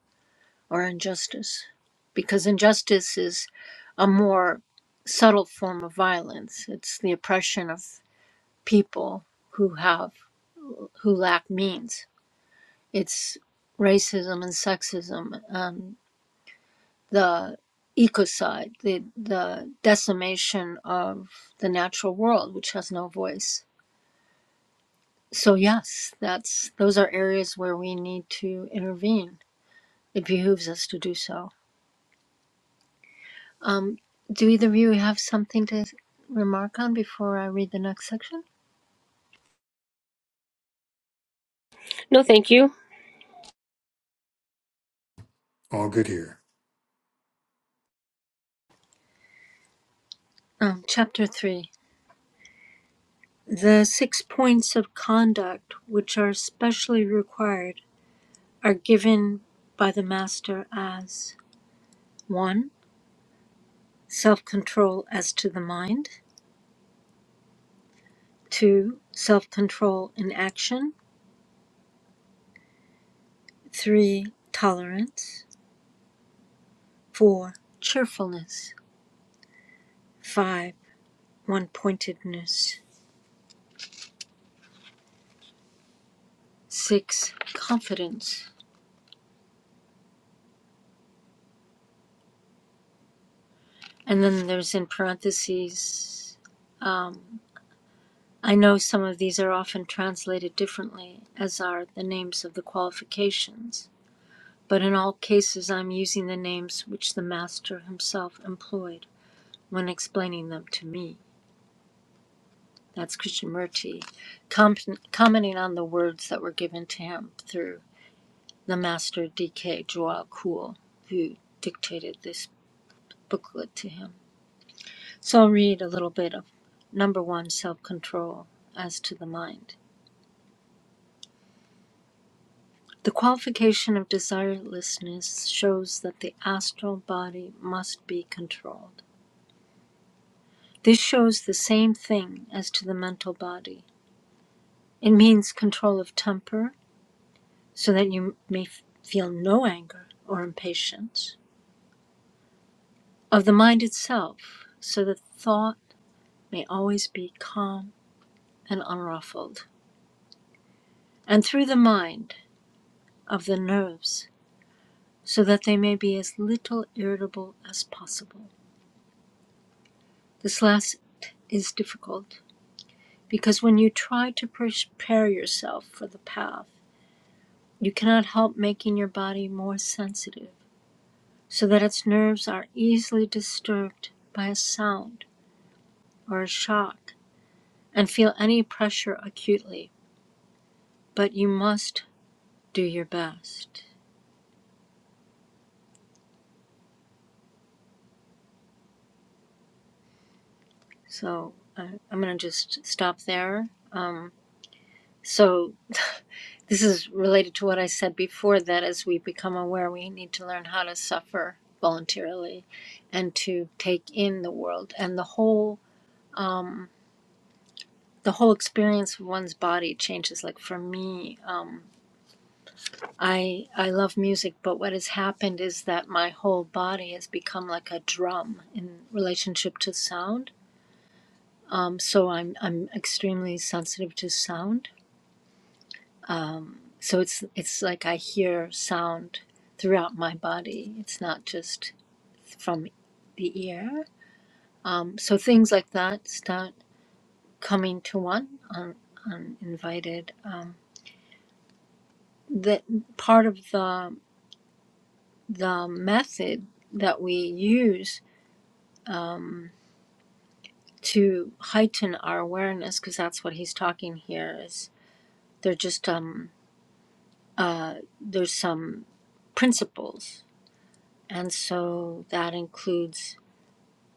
Speaker 3: or injustice. Because injustice is a more subtle form of violence, it's the oppression of people who have who lack means. It's racism and sexism and the ecocide, the, the decimation of the natural world, which has no voice. So yes, that's those are areas where we need to intervene. It behooves us to do so. Um, do either of you have something to remark on before I read the next section?
Speaker 1: no thank you
Speaker 2: All good here.
Speaker 3: Um, chapter three. The six points of conduct which are specially required are given by the Master as 1. Self control as to the mind, 2. Self control in action, 3. Tolerance, 4. Cheerfulness, 5. One pointedness, 6. Confidence. And then there's in parentheses um. I know some of these are often translated differently, as are the names of the qualifications, but in all cases I am using the names which the Master himself employed when explaining them to me. That's Krishnamurti com- commenting on the words that were given to him through the Master DK Joao Kuo, who dictated this booklet to him. So I'll read a little bit of number one self control as to the mind. The qualification of desirelessness shows that the astral body must be controlled. This shows the same thing as to the mental body. It means control of temper so that you may f- feel no anger or impatience, of the mind itself so that thought may always be calm and unruffled, and through the mind of the nerves so that they may be as little irritable as possible. This last is difficult Because when you try to prepare yourself for the path, you cannot help making your body more sensitive so that its nerves are easily disturbed by a sound or a shock and feel any pressure acutely. But you must do your best. So I, I'm going to just stop there. Um, So, this is related to what I said before that as we become aware, we need to learn how to suffer voluntarily and to take in the world and the whole the whole experience of one's body changes like for me um, i i love music but what has happened is that my whole body has become like a drum in relationship to sound um, so i'm i'm extremely sensitive to sound So it's it's like I hear sound throughout my body. It's not just from the ear. Um, so things like that start coming to one un, uninvited. Um, that part of the the method that we use to heighten our awareness, because that's what he's talking here, is they're just um, uh, there's some principles, and so that includes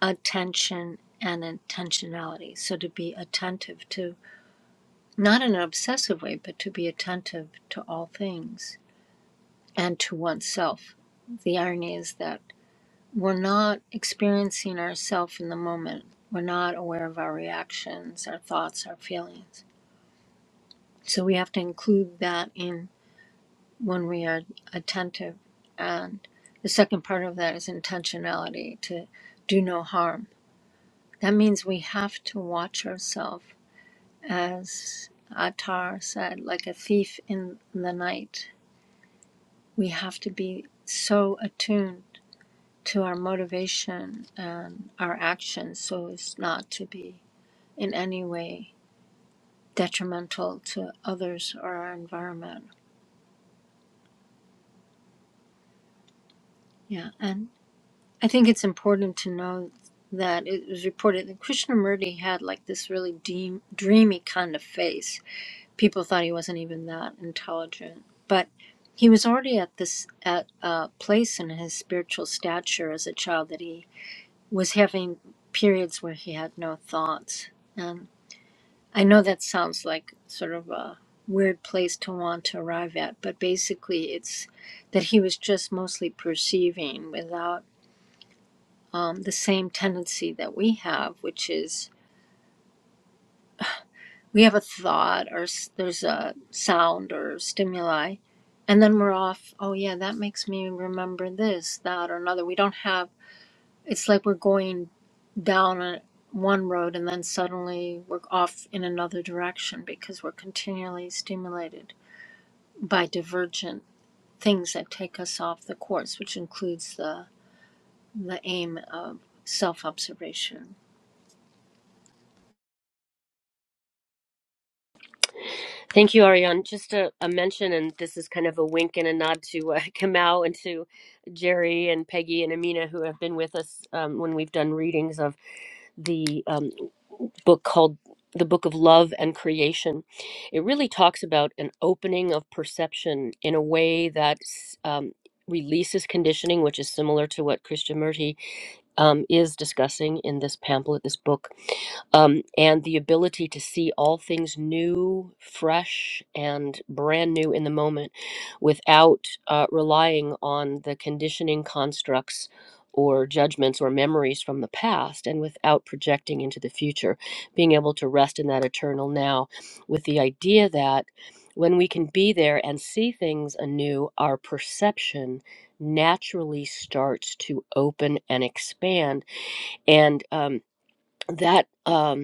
Speaker 3: attention and intentionality. So to be attentive to, not in an obsessive way, but to be attentive to all things and to oneself. The irony is that we're not experiencing ourself in the moment. We're not aware of our reactions, our thoughts, our feelings. So we have to include that in when we are attentive. And the second part of that is intentionality to do no harm. That means we have to watch ourselves as Atar said, like a thief in the night. We have to be so attuned to our motivation and our actions so as not to be in any way detrimental to others or our environment. Yeah, and I think it's important to know that it was reported that Krishnamurti had like this really deem, dreamy kind of face people thought he wasn't even that intelligent but he was already at this at a place in his spiritual stature as a child that he was having periods where he had no thoughts and i know that sounds like sort of a weird place to want to arrive at but basically it's that he was just mostly perceiving without um, the same tendency that we have which is we have a thought or s- there's a sound or stimuli and then we're off oh yeah that makes me remember this that or another we don't have it's like we're going down a, one road and then suddenly we're off in another direction because we're continually stimulated by divergent things that take us off the course which includes the the aim of self-observation
Speaker 1: thank you ariane just a, a mention and this is kind of a wink and a nod to uh, kamau and to jerry and peggy and amina who have been with us um, when we've done readings of the um, book called The Book of Love and Creation. It really talks about an opening of perception in a way that s- um, releases conditioning, which is similar to what Krishnamurti um, is discussing in this pamphlet, this book, um, and the ability to see all things new, fresh, and brand new in the moment without uh, relying on the conditioning constructs or judgments or memories from the past and without projecting into the future, being able to rest in that eternal now with the idea that when we can be there and see things anew, our perception naturally starts to open and expand. And um, that um,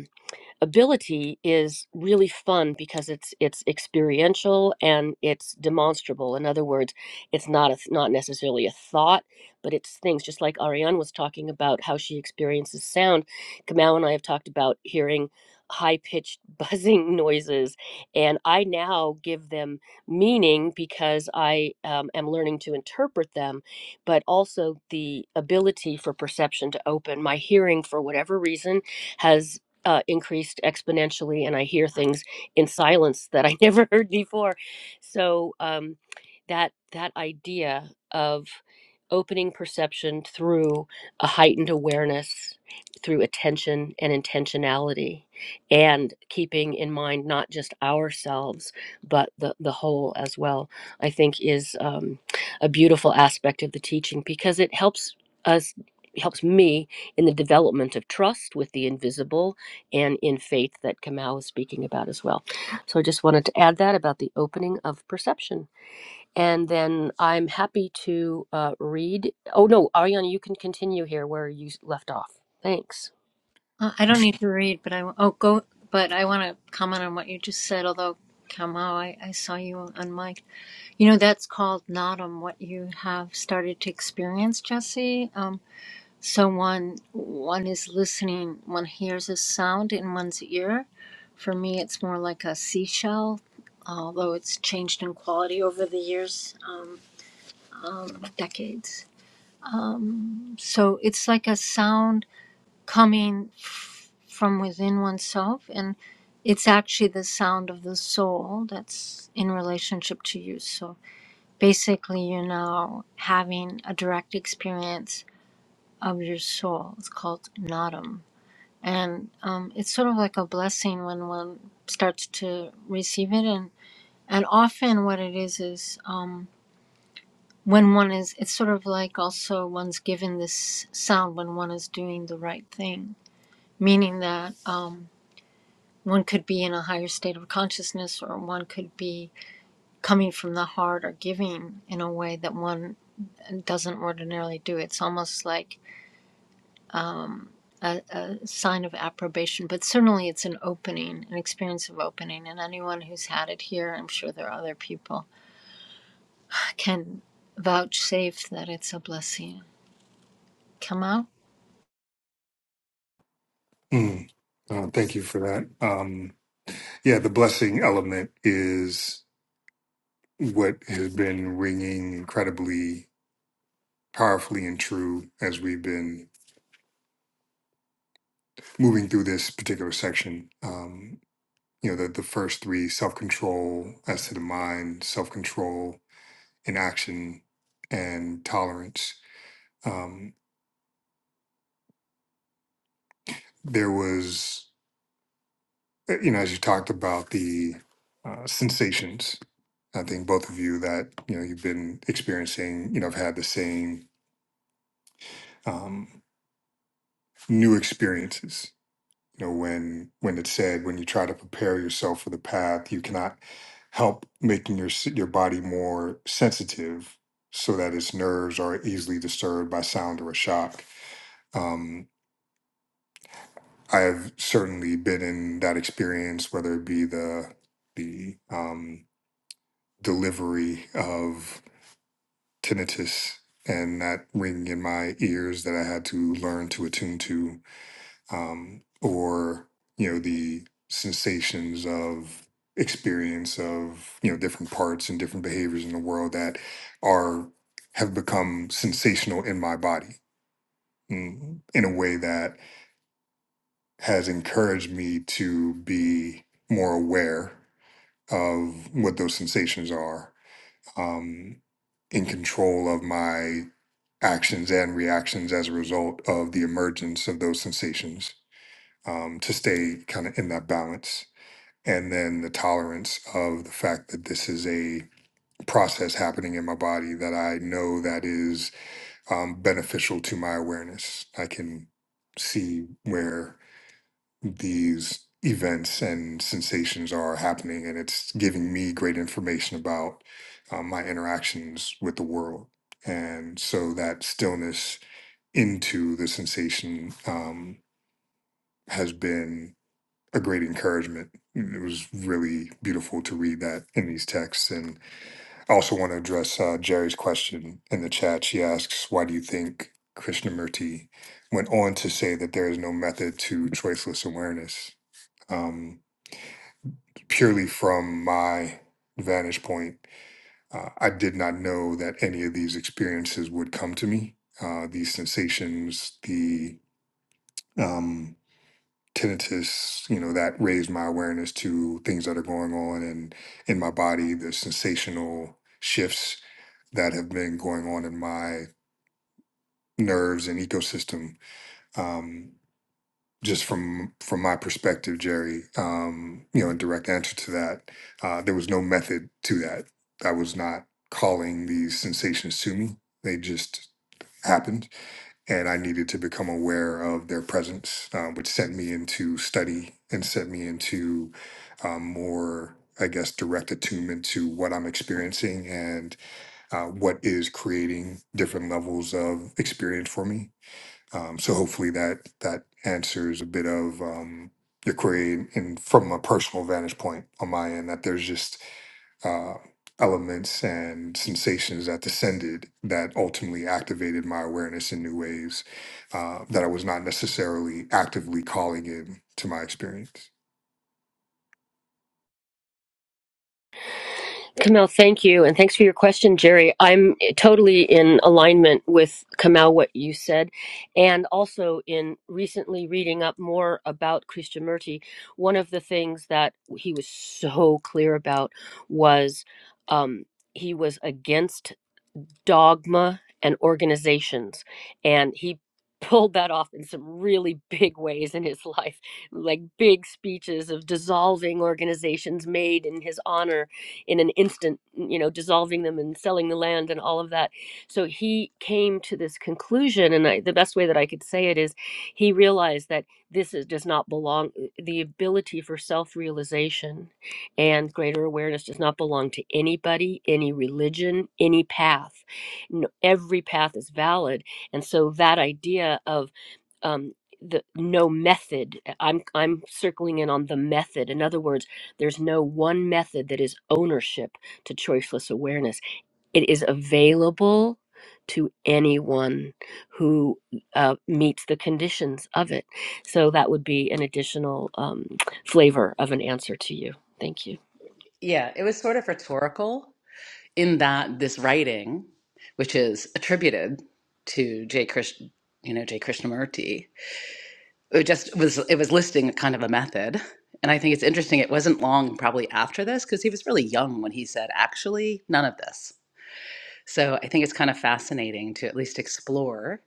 Speaker 1: ability is really fun because it's it's experiential and it's demonstrable in other words it's not a, not necessarily a thought but it's things just like ariane was talking about how she experiences sound kamau and i have talked about hearing high-pitched buzzing noises and i now give them meaning because i um, am learning to interpret them but also the ability for perception to open my hearing for whatever reason has uh, increased exponentially, and I hear things in silence that I never heard before. So um, that that idea of opening perception through a heightened awareness, through attention and intentionality, and keeping in mind not just ourselves but the the whole as well, I think is um, a beautiful aspect of the teaching because it helps us helps me in the development of trust with the invisible and in faith that Kamal was speaking about as well. So I just wanted to add that about the opening of perception. And then I'm happy to uh, read. Oh, no, Ariana, you can continue here where you left off. Thanks.
Speaker 3: Uh, I don't need to read, but I w- oh go. But I want to comment on what you just said. Although Kamau, I, I saw you on mic. You know that's called Nodum. What you have started to experience, Jesse. Um, so one one is listening. One hears a sound in one's ear. For me, it's more like a seashell, although it's changed in quality over the years, um, um, decades. So it's like a sound coming f- from within oneself and it's actually the sound of the soul that's in relationship to you so basically you're now having a direct experience of your soul it's called nadam and um, it's sort of like a blessing when one starts to receive it and and often what it is is um, when one is it's sort of like also one's given this sound when one is doing the right thing meaning that um, One could be in a higher state of consciousness, or one could be coming from the heart or giving in a way that one doesn't ordinarily do. It's almost like a, a sign of approbation, but certainly it's an opening, an experience of opening. And anyone who's had it here, I'm sure there are other people, can vouchsafe that it's a blessing. Come out.
Speaker 2: Mm. Uh, thank you for that. Um, yeah, the blessing element is what has been ringing incredibly powerfully and true as we've been moving through this particular section. Um, you know, the, the first three self control as to the mind, self control in action, and tolerance. Um, there was, uh, you know, as you talked about the uh, sensations, I think both of you that, you know, you've been experiencing, you know, have had the same um, new experiences You know, when when it said when you try to prepare yourself for the path, you cannot help making your s- your body more sensitive so that its nerves are easily disturbed by sound or a shock. Um, I have certainly been in that experience, whether it be the the um, delivery of tinnitus and that ringing in my ears that I had to learn to attune to um, or you know the sensations of experience of you know different parts and different behaviors in the world that are have become sensational in my body mm, in a way that has encouraged me to be more aware of what those sensations are um, in control of my actions and reactions as a result of the emergence of those sensations um, to stay kind of in that balance and then the tolerance of the fact that this is a process happening in my body that I know that is um, beneficial to my awareness. I can see where these events and sensations are happening, and it's giving me great information about um, my interactions with the world. And so that stillness into the sensation um, has been a great encouragement. It was really beautiful to read that in these texts. And I also want to address uh, Jerry's question in the chat. She asks, Why do you think Krishnamurti went on to say that there is no method to choiceless awareness? Um, purely from my vantage point, uh, I did not know that any of these experiences would come to me. Uh, these sensations, the um, tinnitus you know that raised my awareness to things that are going on in in my body the sensational shifts that have been going on in my nerves and ecosystem um just from from my perspective jerry um you know in direct answer to that uh there was no method to that i was not calling these sensations to me they just happened and I needed to become aware of their presence, um, which sent me into study and sent me into um, more, I guess, direct attunement to what I'm experiencing and uh, what is creating different levels of experience for me. Um, so hopefully that that answers a bit of um, your query, and from a personal vantage point on my end, that there's just uh, elements and sensations that descended that ultimately activated my awareness in new ways uh, that I was not necessarily actively calling in to my experience.
Speaker 1: Kamal, thank you, and thanks for your question, Jerry. I'm totally in alignment with Kamal what you said, and also in recently reading up more about Krishnamurti. One of the things that he was so clear about was um, he was against dogma and organizations and he pulled that off in some really big ways in his life like big speeches of dissolving organizations made in his honor in an instant you know dissolving them and selling the land and all of that so he came to this conclusion and I, the best way that i could say it is he realized that this is, does not belong uh, the ability for self-realization and greater awareness does not belong to anybody any religion any path no, every path is valid and so that idea of um the no method uh, i'm i'm circling in on the method in other words there's no one method that is ownership to choiceless awareness it is available to anyone who uh, meets the conditions of it. So that would be an additional um, flavor of an answer to you. Thank you.
Speaker 4: Yeah, it was sort of rhetorical in that this writing, which is attributed to J. Krish, you know, J. Krishnamurti, it just was it was listing kind of a method. And I think it's interesting. It wasn't long, probably after this, because he was really young when he said, "Actually, none of this." So I think it's kind of fascinating to at least explore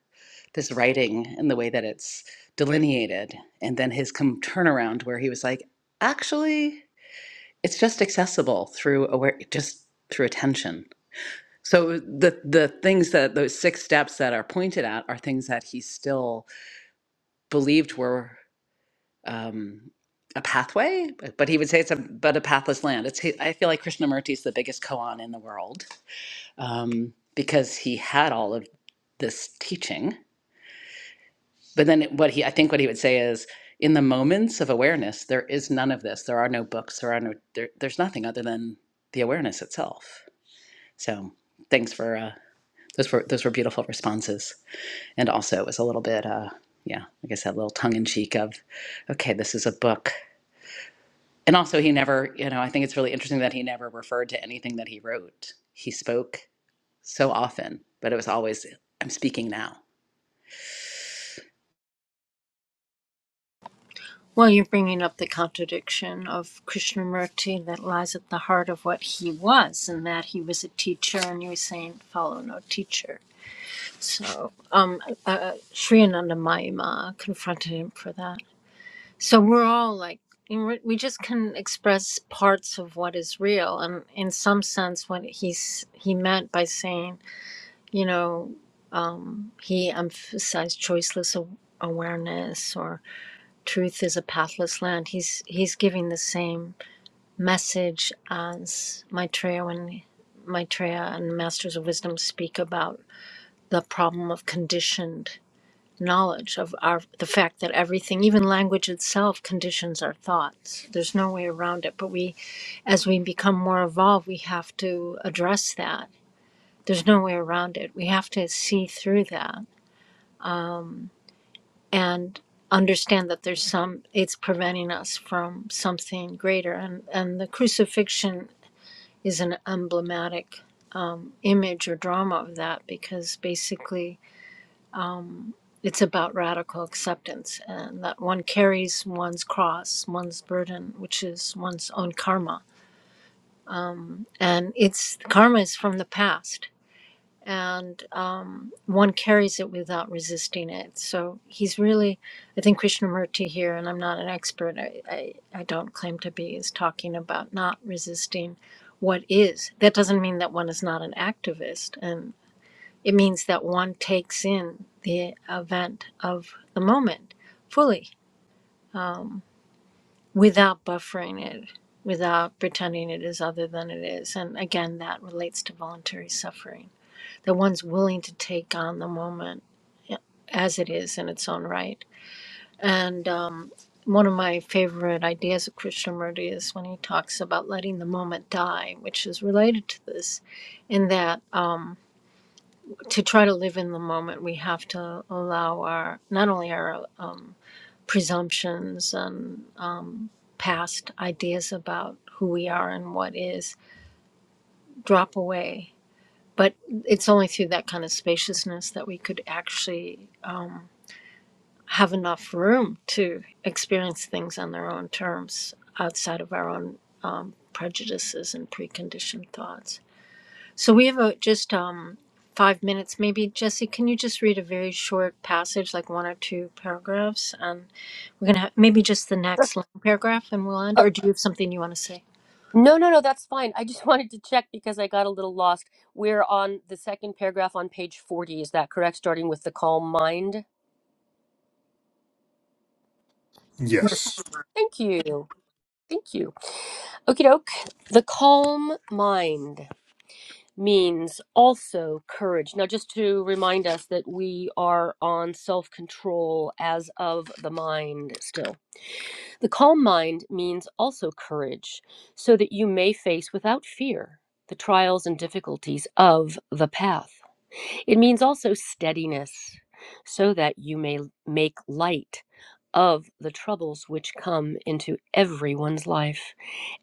Speaker 4: this writing and the way that it's delineated, and then his come turnaround where he was like, "Actually." it's just accessible through aware just through attention so the the things that those six steps that are pointed at are things that he still believed were um, a pathway but but he would say it's a but a pathless land it's he, i feel like krishnamurti is the biggest koan in the world um, because he had all of this teaching but then what he i think what he would say is in the moments of awareness there is none of this there are no books there are no there, there's nothing other than the awareness itself So thanks for uh, those were those were beautiful responses, and also it was a little bit uh, yeah, like I said, a little tongue in cheek of, okay, this is a book, and also he never you know I think it's really interesting that he never referred to anything that he wrote. He spoke so often, but it was always I'm speaking now.
Speaker 3: Well, you're bringing up the contradiction of Krishnamurti that lies at the heart of what he was, and that he was a teacher, and he was saying, follow no teacher. So, um, uh, uh, Sri Anandamayama confronted him for that. So, we're all like, you know, we we just can express parts of what is real, and in some sense, what he's he meant by saying, you know, he emphasized choiceless aw- awareness or truth is a pathless land. He's he's giving the same message as Maitreya when Maitreya and Masters of Wisdom speak about the problem of conditioned knowledge of our the fact that everything even language itself conditions our thoughts there's no way around it but we as we become more evolved we have to address that there's no way around it we have to see through that and understand that there's some it's preventing us from something greater and and the crucifixion is an emblematic image or drama of that because basically it's about radical acceptance and that one carries one's cross, one's burden, which is one's own karma. And it's karma is from the past, and um, one carries it without resisting it. So he's really, I think Krishnamurti here, and I'm not an expert, I, I, I don't claim to be, is talking about not resisting what is. That doesn't mean that one is not an activist, and. It means that one takes in the event of the moment fully um, without buffering it, without pretending it is other than it is. And again, that relates to voluntary suffering, that one's willing to take on the moment eh, as it is in its own right. And um, one of my favorite ideas of Krishnamurti is when he talks about letting the moment die, which is related to this, in that. Um, to try to live in the moment, we have to allow our not only our um, presumptions and past ideas about who we are and what is drop away. But it's only through that kind of spaciousness that we could actually um, have enough room to experience things on their own terms outside of our own um, prejudices and preconditioned thoughts. So we have a, just um, five minutes. Maybe, Jesse, can you just read a very short passage, like one or two paragraphs? And we're going to have maybe just the next long paragraph and we'll end.
Speaker 1: Uh,
Speaker 3: Or do you have something you want to say?
Speaker 1: No, no, no, that's fine. I just wanted to check because I got a little lost. We're on the second paragraph on page 40. Is that correct? Starting with the calm mind.
Speaker 2: Yes,
Speaker 1: Thank you. Thank you. Okie doke. The calm mind means also courage. Now, just to remind us that we are on self control as of the mind still. The calm mind means also courage, so that you may face without fear the trials and difficulties of the path. It means also steadiness, so that you may make light of the troubles which come into everyone's life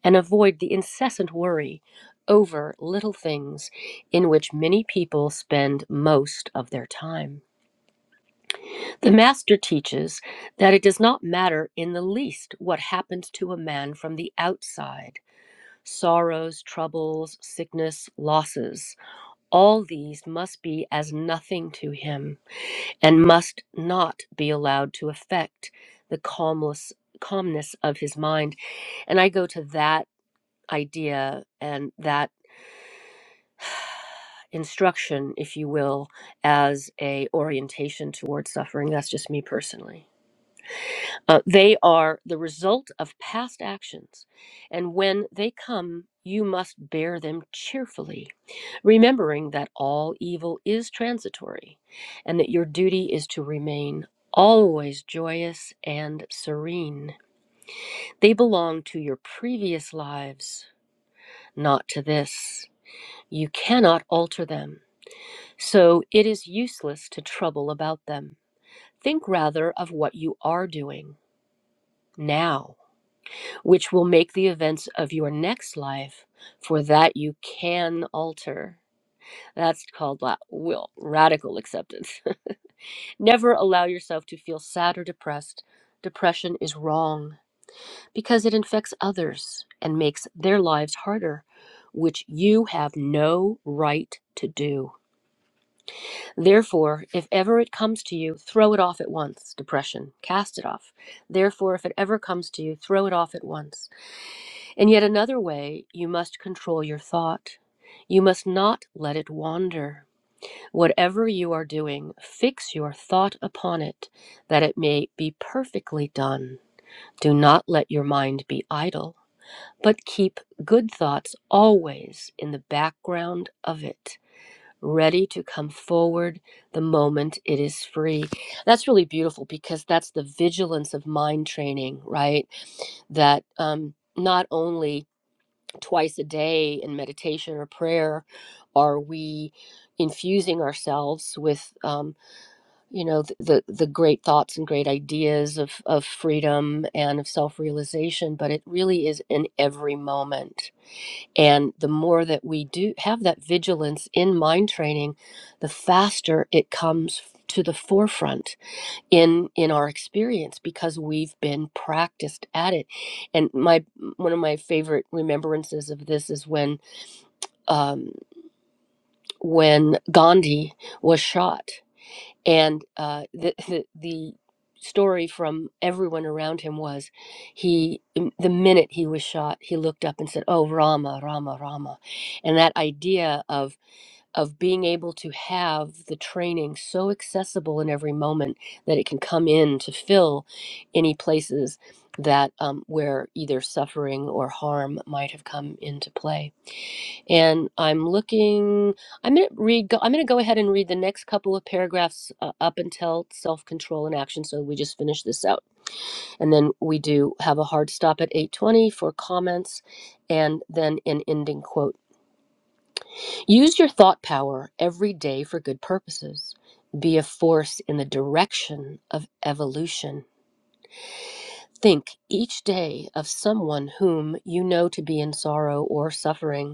Speaker 1: and avoid the incessant worry over little things in which many people spend most of their time. The Master teaches that it does not matter in the least what happens to a man from the outside sorrows, troubles, sickness, losses. All these must be as nothing to him and must not be allowed to affect the calmless, calmness of his mind. And I go to that idea and that instruction if you will as a orientation towards suffering that's just me personally Uh, they are the result of past actions, and when they come, you must bear them cheerfully, remembering that all evil is transitory and that your duty is to remain always joyous and serene. They belong to your previous lives, not to this. You cannot alter them, so it is useless to trouble about them. Think rather of what you are doing now which will make the events of your next life, for that you can alter. That's called la- will, radical acceptance. Never allow yourself to feel sad or depressed. Depression is wrong because it infects others and makes their lives harder, which you have no right to do. Therefore, if ever it comes to you, throw it off at once. Depression, cast it off. Therefore, if it ever comes to you, throw it off at once In yet another way, you must control your thought. You must not let it wander. Whatever you are doing, fix your thought upon it, that it may be perfectly done. Do not let your mind be idle, but keep good thoughts always in the background of it, ready to come forward the moment it is free. That's really beautiful because that's the vigilance of mind training, right? That um, not only twice a day in meditation or prayer? Are we infusing ourselves with, um, you know, th- the the great thoughts and great ideas of of freedom and of self realization? But it really is in every moment, and the more that we do have that vigilance in mind training, the faster it comes f- to the forefront in in our experience because we've been practiced at it. And my one of my favorite remembrances of this is when um, when Gandhi was shot. And uh, the, the, the story from everyone around him was he, the minute he was shot, he looked up and said, Oh, Rama, Rama, Rama. And that idea of, of being able to have the training so accessible in every moment that it can come in to fill any places that um, where either suffering or harm might have come into play and I'm looking. I'm gonna read. Go, I'm gonna go ahead and read the next couple of paragraphs uh, up until self-control and action. So we just finish this out, and then we do have a hard stop at 8:20 for comments, and then an ending quote. Use your thought power every day for good purposes. Be a force in the direction of evolution. Think each day of someone whom you know to be in sorrow or suffering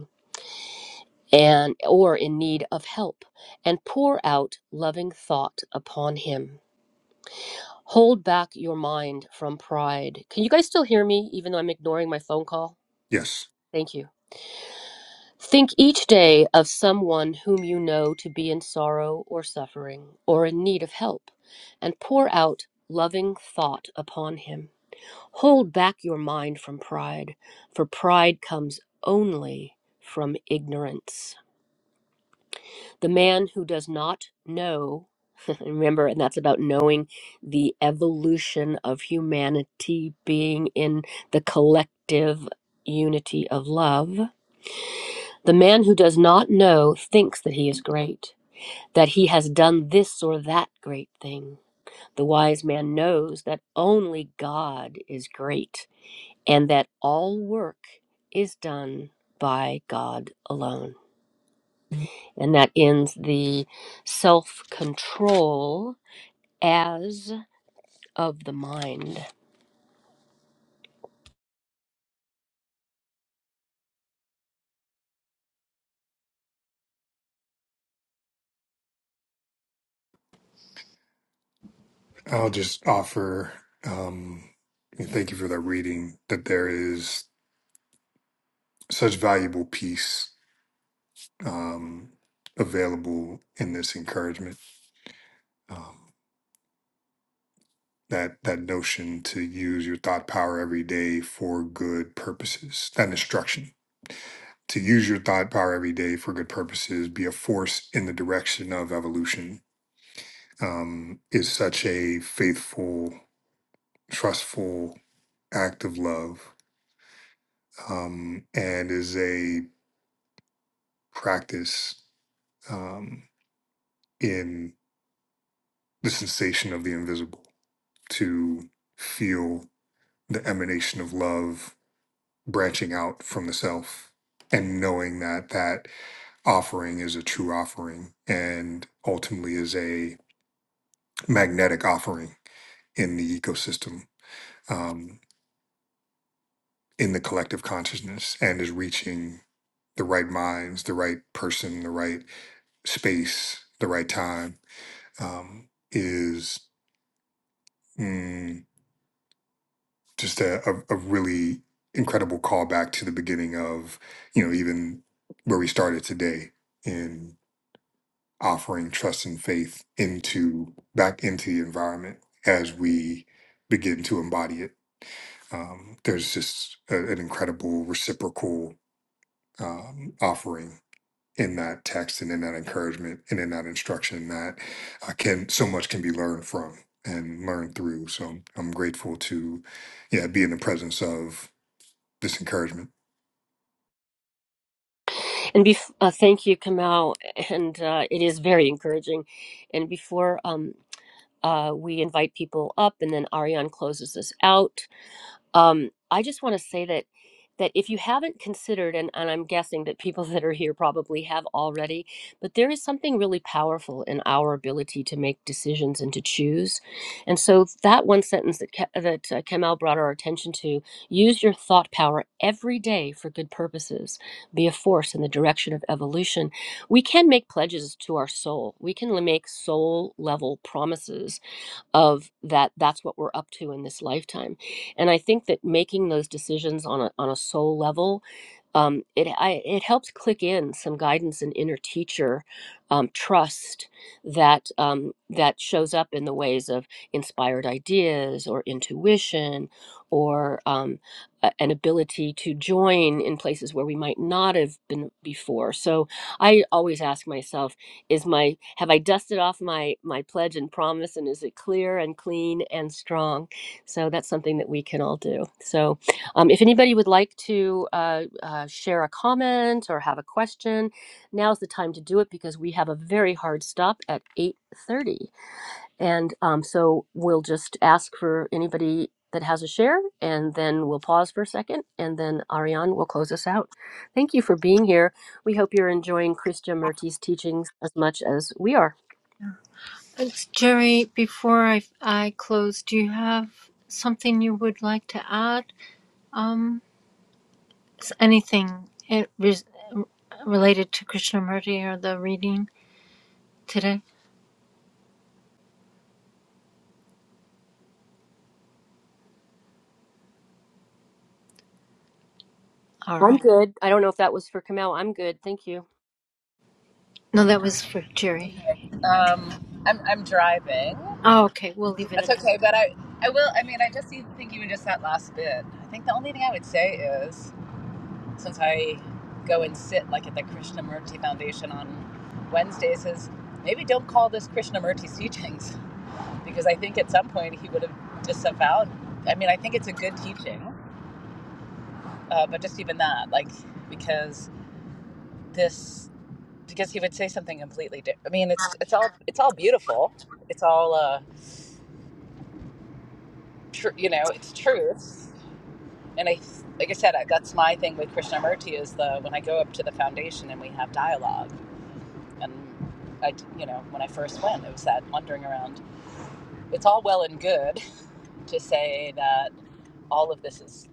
Speaker 1: and or in need of help and pour out loving thought upon him hold back your mind from pride can you guys still hear me even though i'm ignoring my phone call
Speaker 2: yes.
Speaker 1: thank you think each day of someone whom you know to be in sorrow or suffering or in need of help and pour out loving thought upon him hold back your mind from pride for pride comes only from ignorance the man who does not know remember and that's about knowing the evolution of humanity being in the collective unity of love the man who does not know thinks that he is great that he has done this or that great thing the wise man knows that only god is great and that all work is done by god alone and that ends the self control as of the mind
Speaker 2: I'll just offer, um, and thank you for that reading, that there is such valuable peace um, available in this encouragement. Um, that that notion to use your thought power every day for good purposes that instruction to use your thought power every day for good purposes, be a force in the direction of evolution, um, is such a faithful, trustful act of love, um, and is a practice um, in the sensation of the invisible to feel the emanation of love branching out from the self and knowing that that offering is a true offering and ultimately is a magnetic offering in the ecosystem, um, in the collective consciousness, and is reaching the right minds, the right person, the right space, the right time, um, is mm, just a, a, a really incredible callback to the beginning of, you know, even where we started today in offering trust and faith into back into the environment as we begin to embody it um, there's just a, an incredible reciprocal um, offering in that text and in that encouragement and in that instruction that uh, can so much can be learned from and learned through. So I'm grateful to, yeah, be in the presence of this encouragement.
Speaker 1: And bef- uh, thank you, Kamal. And uh, it is very encouraging. And before um, uh, we invite people up, and then Ariane closes us out, um, I just want to say that that if you haven't considered, and, and I'm guessing that people that are here probably have already, but there is something really powerful in our ability to make decisions and to choose. And so that one sentence that Ke- that uh, Kemal brought our attention to: use your thought power every day for good purposes. Be a force in the direction of evolution. We can make pledges to our soul. We can l- make soul level promises of that that's what we're up to in this lifetime and i think that making those decisions on a on a soul level um, it I, it helps click in some guidance and inner teacher um, trust that um, that shows up in the ways of inspired ideas or intuition or um, a- an ability to join in places where we might not have been before. So I always ask myself: Is my have I dusted off my my pledge and promise, and is it clear and clean and strong? So that's something that we can all do. So um, if anybody would like to uh, uh, share a comment or have a question, now's the time to do it because we have a very hard stop at 8.30. And um, so we'll just ask for anybody that has a share, and then we'll pause for a second, and then Ariane will close us out. Thank you for being here. We hope you're enjoying Christian Murty's teachings as much as we are.
Speaker 3: It's Jerry, before I, I close, do you have something you would like to add? Um, s- anything it, res, related to Krishnamurti or the reading today? All
Speaker 1: I'm
Speaker 3: right.
Speaker 1: good. I don't know if that was for Kamau. I'm good. Thank you.
Speaker 3: No, that was for Jerry.
Speaker 4: Um, I'm, I'm driving.
Speaker 3: Oh, okay. We'll leave it
Speaker 4: That's
Speaker 3: at that.
Speaker 4: okay, but I, I will. I mean, I just even think even just that last bit. I think the only thing I would say is. since I go and sit like at the Krishnamurti Foundation on Wednesdays is maybe don't call this Krishnamurti's teachings because I think at some point he would have disavowed. I mean, I think it's a good teaching, uh, but just even that, like, because this, because he would say something completely different. I mean, it's it's all it's all beautiful. It's all uh, tr- you know, it's truths. And I, like I said, I, that's my thing with Krishnamurti is the when I go up to the foundation and we have dialogue And I, you know, when I first went, it was that wandering around. It's all well and good to say that all of this is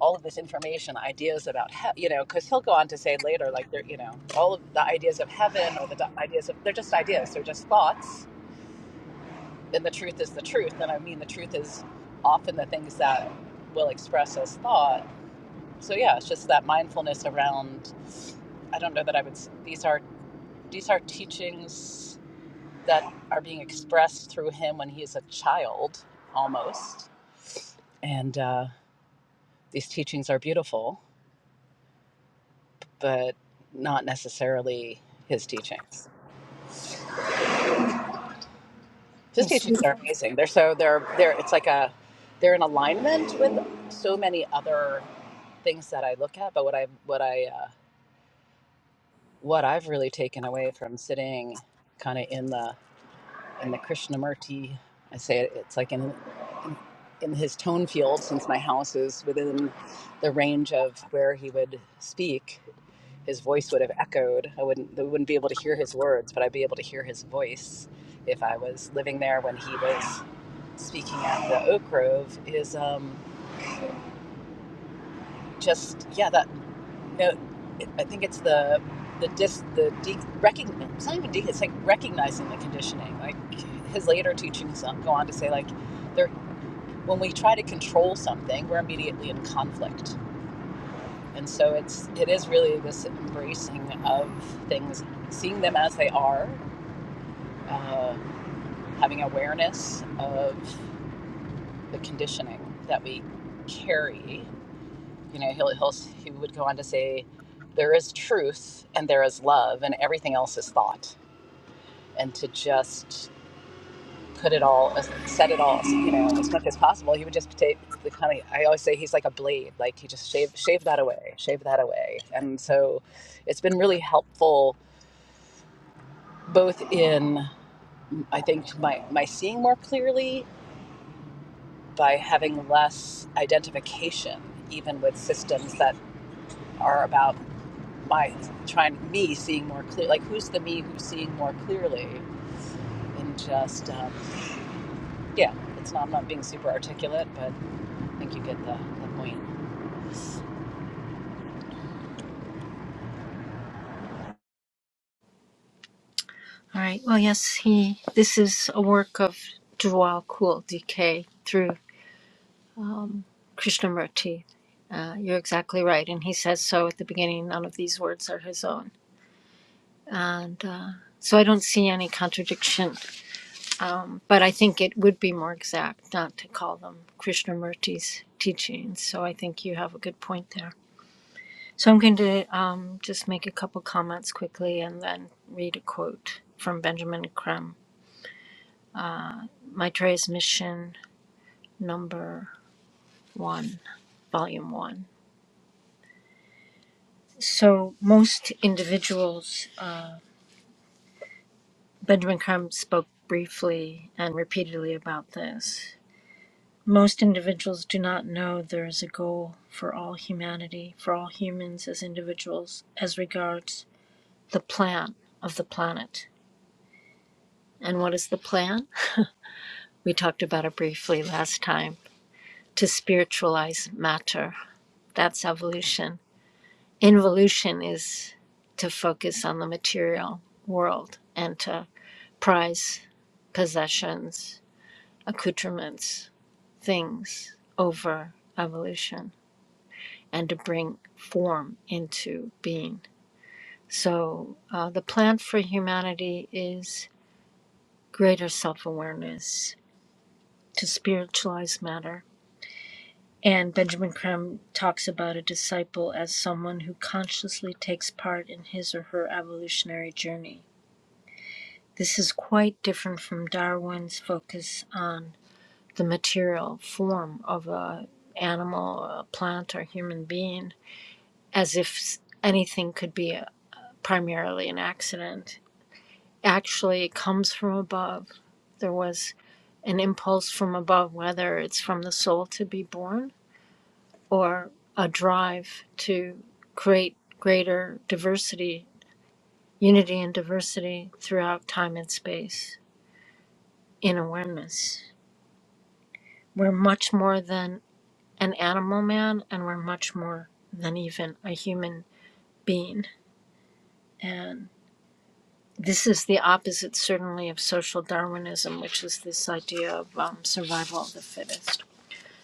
Speaker 4: all of this information, ideas about he- you know, because he'll go on to say later, like they're you know, all of the ideas of heaven or the di- ideas of they're just ideas, they're just thoughts. And the truth is the truth, and I mean the truth is often the things that will express as thought. So yeah, it's just that mindfulness around. I don't know that I would. s- These are these are teachings that are being expressed through him when he is a child almost. And uh, these teachings are beautiful, but not necessarily his teachings. His
Speaker 3: Yes.
Speaker 4: teachings are amazing. They're so they're they're it's like a they're in alignment with so many other things that I look at. But what I what I uh, what I've really taken away from sitting kind of in the and the Krishnamurti. I say it, it's like in, in in his tone field, since my house is within the range of where he would speak, his voice would have echoed. I wouldn't, I wouldn't be able to hear his words, but I'd be able to hear his voice if I was living there when he was speaking at the Oak Grove. Is um, just yeah, that no, I think it's the the dis the de, recog, it's not even de, it's like recognizing the conditioning. Like his later teachings go on to say, like there when we try to control something, we're immediately in conflict, and so it's it is really this embracing of things, seeing them as they are, uh, having awareness of the conditioning that we carry you know he'll, he'll he would go on to say there is truth and there is love and everything else is thought and to just put it all uh, set it all you know as much as possible he would just take the kind of i always say he's like a blade like he just shave shave that away shave that away and so it's been really helpful both in i think my my seeing more clearly by having less identification even with systems that are about by trying me seeing more clear like who's the me who's seeing more clearly and just um, yeah it's not i'm not being super articulate but i think you get the, the point
Speaker 3: All right. Well, yes, he. This is a work of Dwal Kul DK through um, Krishnamurti. Uh, you're exactly right, and he says so at the beginning. None of these words are his own, and uh, so I don't see any contradiction. Um, but I think it would be more exact not to call them Krishnamurti's teachings. So I think you have a good point there. So I'm going to um, just make a couple comments quickly, and then read a quote from Benjamin Krem. Maitreya's mission number one, volume one. So, most individuals, uh, Benjamin Crumb spoke briefly and repeatedly about this. Most individuals do not know there is a goal for all humanity, for all humans as individuals, as regards the plan of the planet. And what is the plan? We talked about it briefly last time to spiritualize matter. That's evolution Involution is to focus on the material world and to prize possessions, accoutrements, things over evolution and to bring form into being. So, uh, the plan for humanity is greater self awareness to spiritualize matter. And Benjamin Krem talks about a disciple as someone who consciously takes part in his or her evolutionary journey This is quite different from Darwin's focus on the material form of a animal, a plant, or human being, as if anything could be a, primarily an accident. Actually, it comes from above. There was an impulse from above, whether it's from the soul to be born or a drive to create greater diversity, unity and diversity throughout time and space in awareness. We're much more than an animal man, and we're much more than even a human being. And this is the opposite, certainly, of social Darwinism, which is this idea of um, survival of the fittest.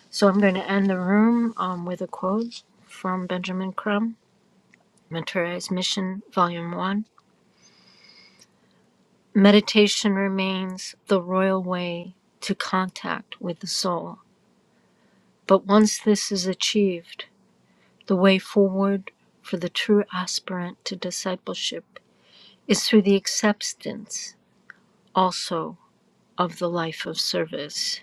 Speaker 3: So I'm going to end the room um, with a quote from Benjamin Crumb, Matera's Mission, Volume 1. Meditation remains the royal way to contact with the soul. But once this is achieved, The way forward for the true aspirant to discipleship is through the acceptance also of the life of service.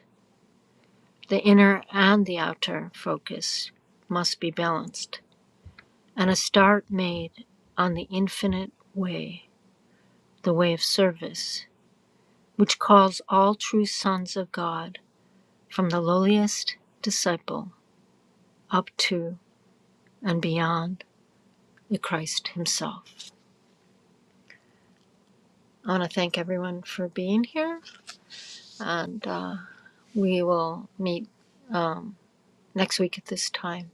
Speaker 3: The inner and the outer focus must be balanced, and a start made on the infinite way, the way of service, which calls all true sons of God from the lowliest disciple up to and beyond the Christ Himself. I want to thank everyone for being here and. Uh, We will meet um, next week at this time.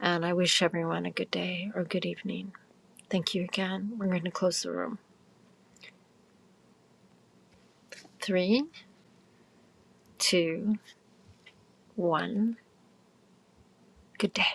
Speaker 3: And I wish everyone a good day or good evening. Thank you again. We're going to close the room. Three, two, one. Good day.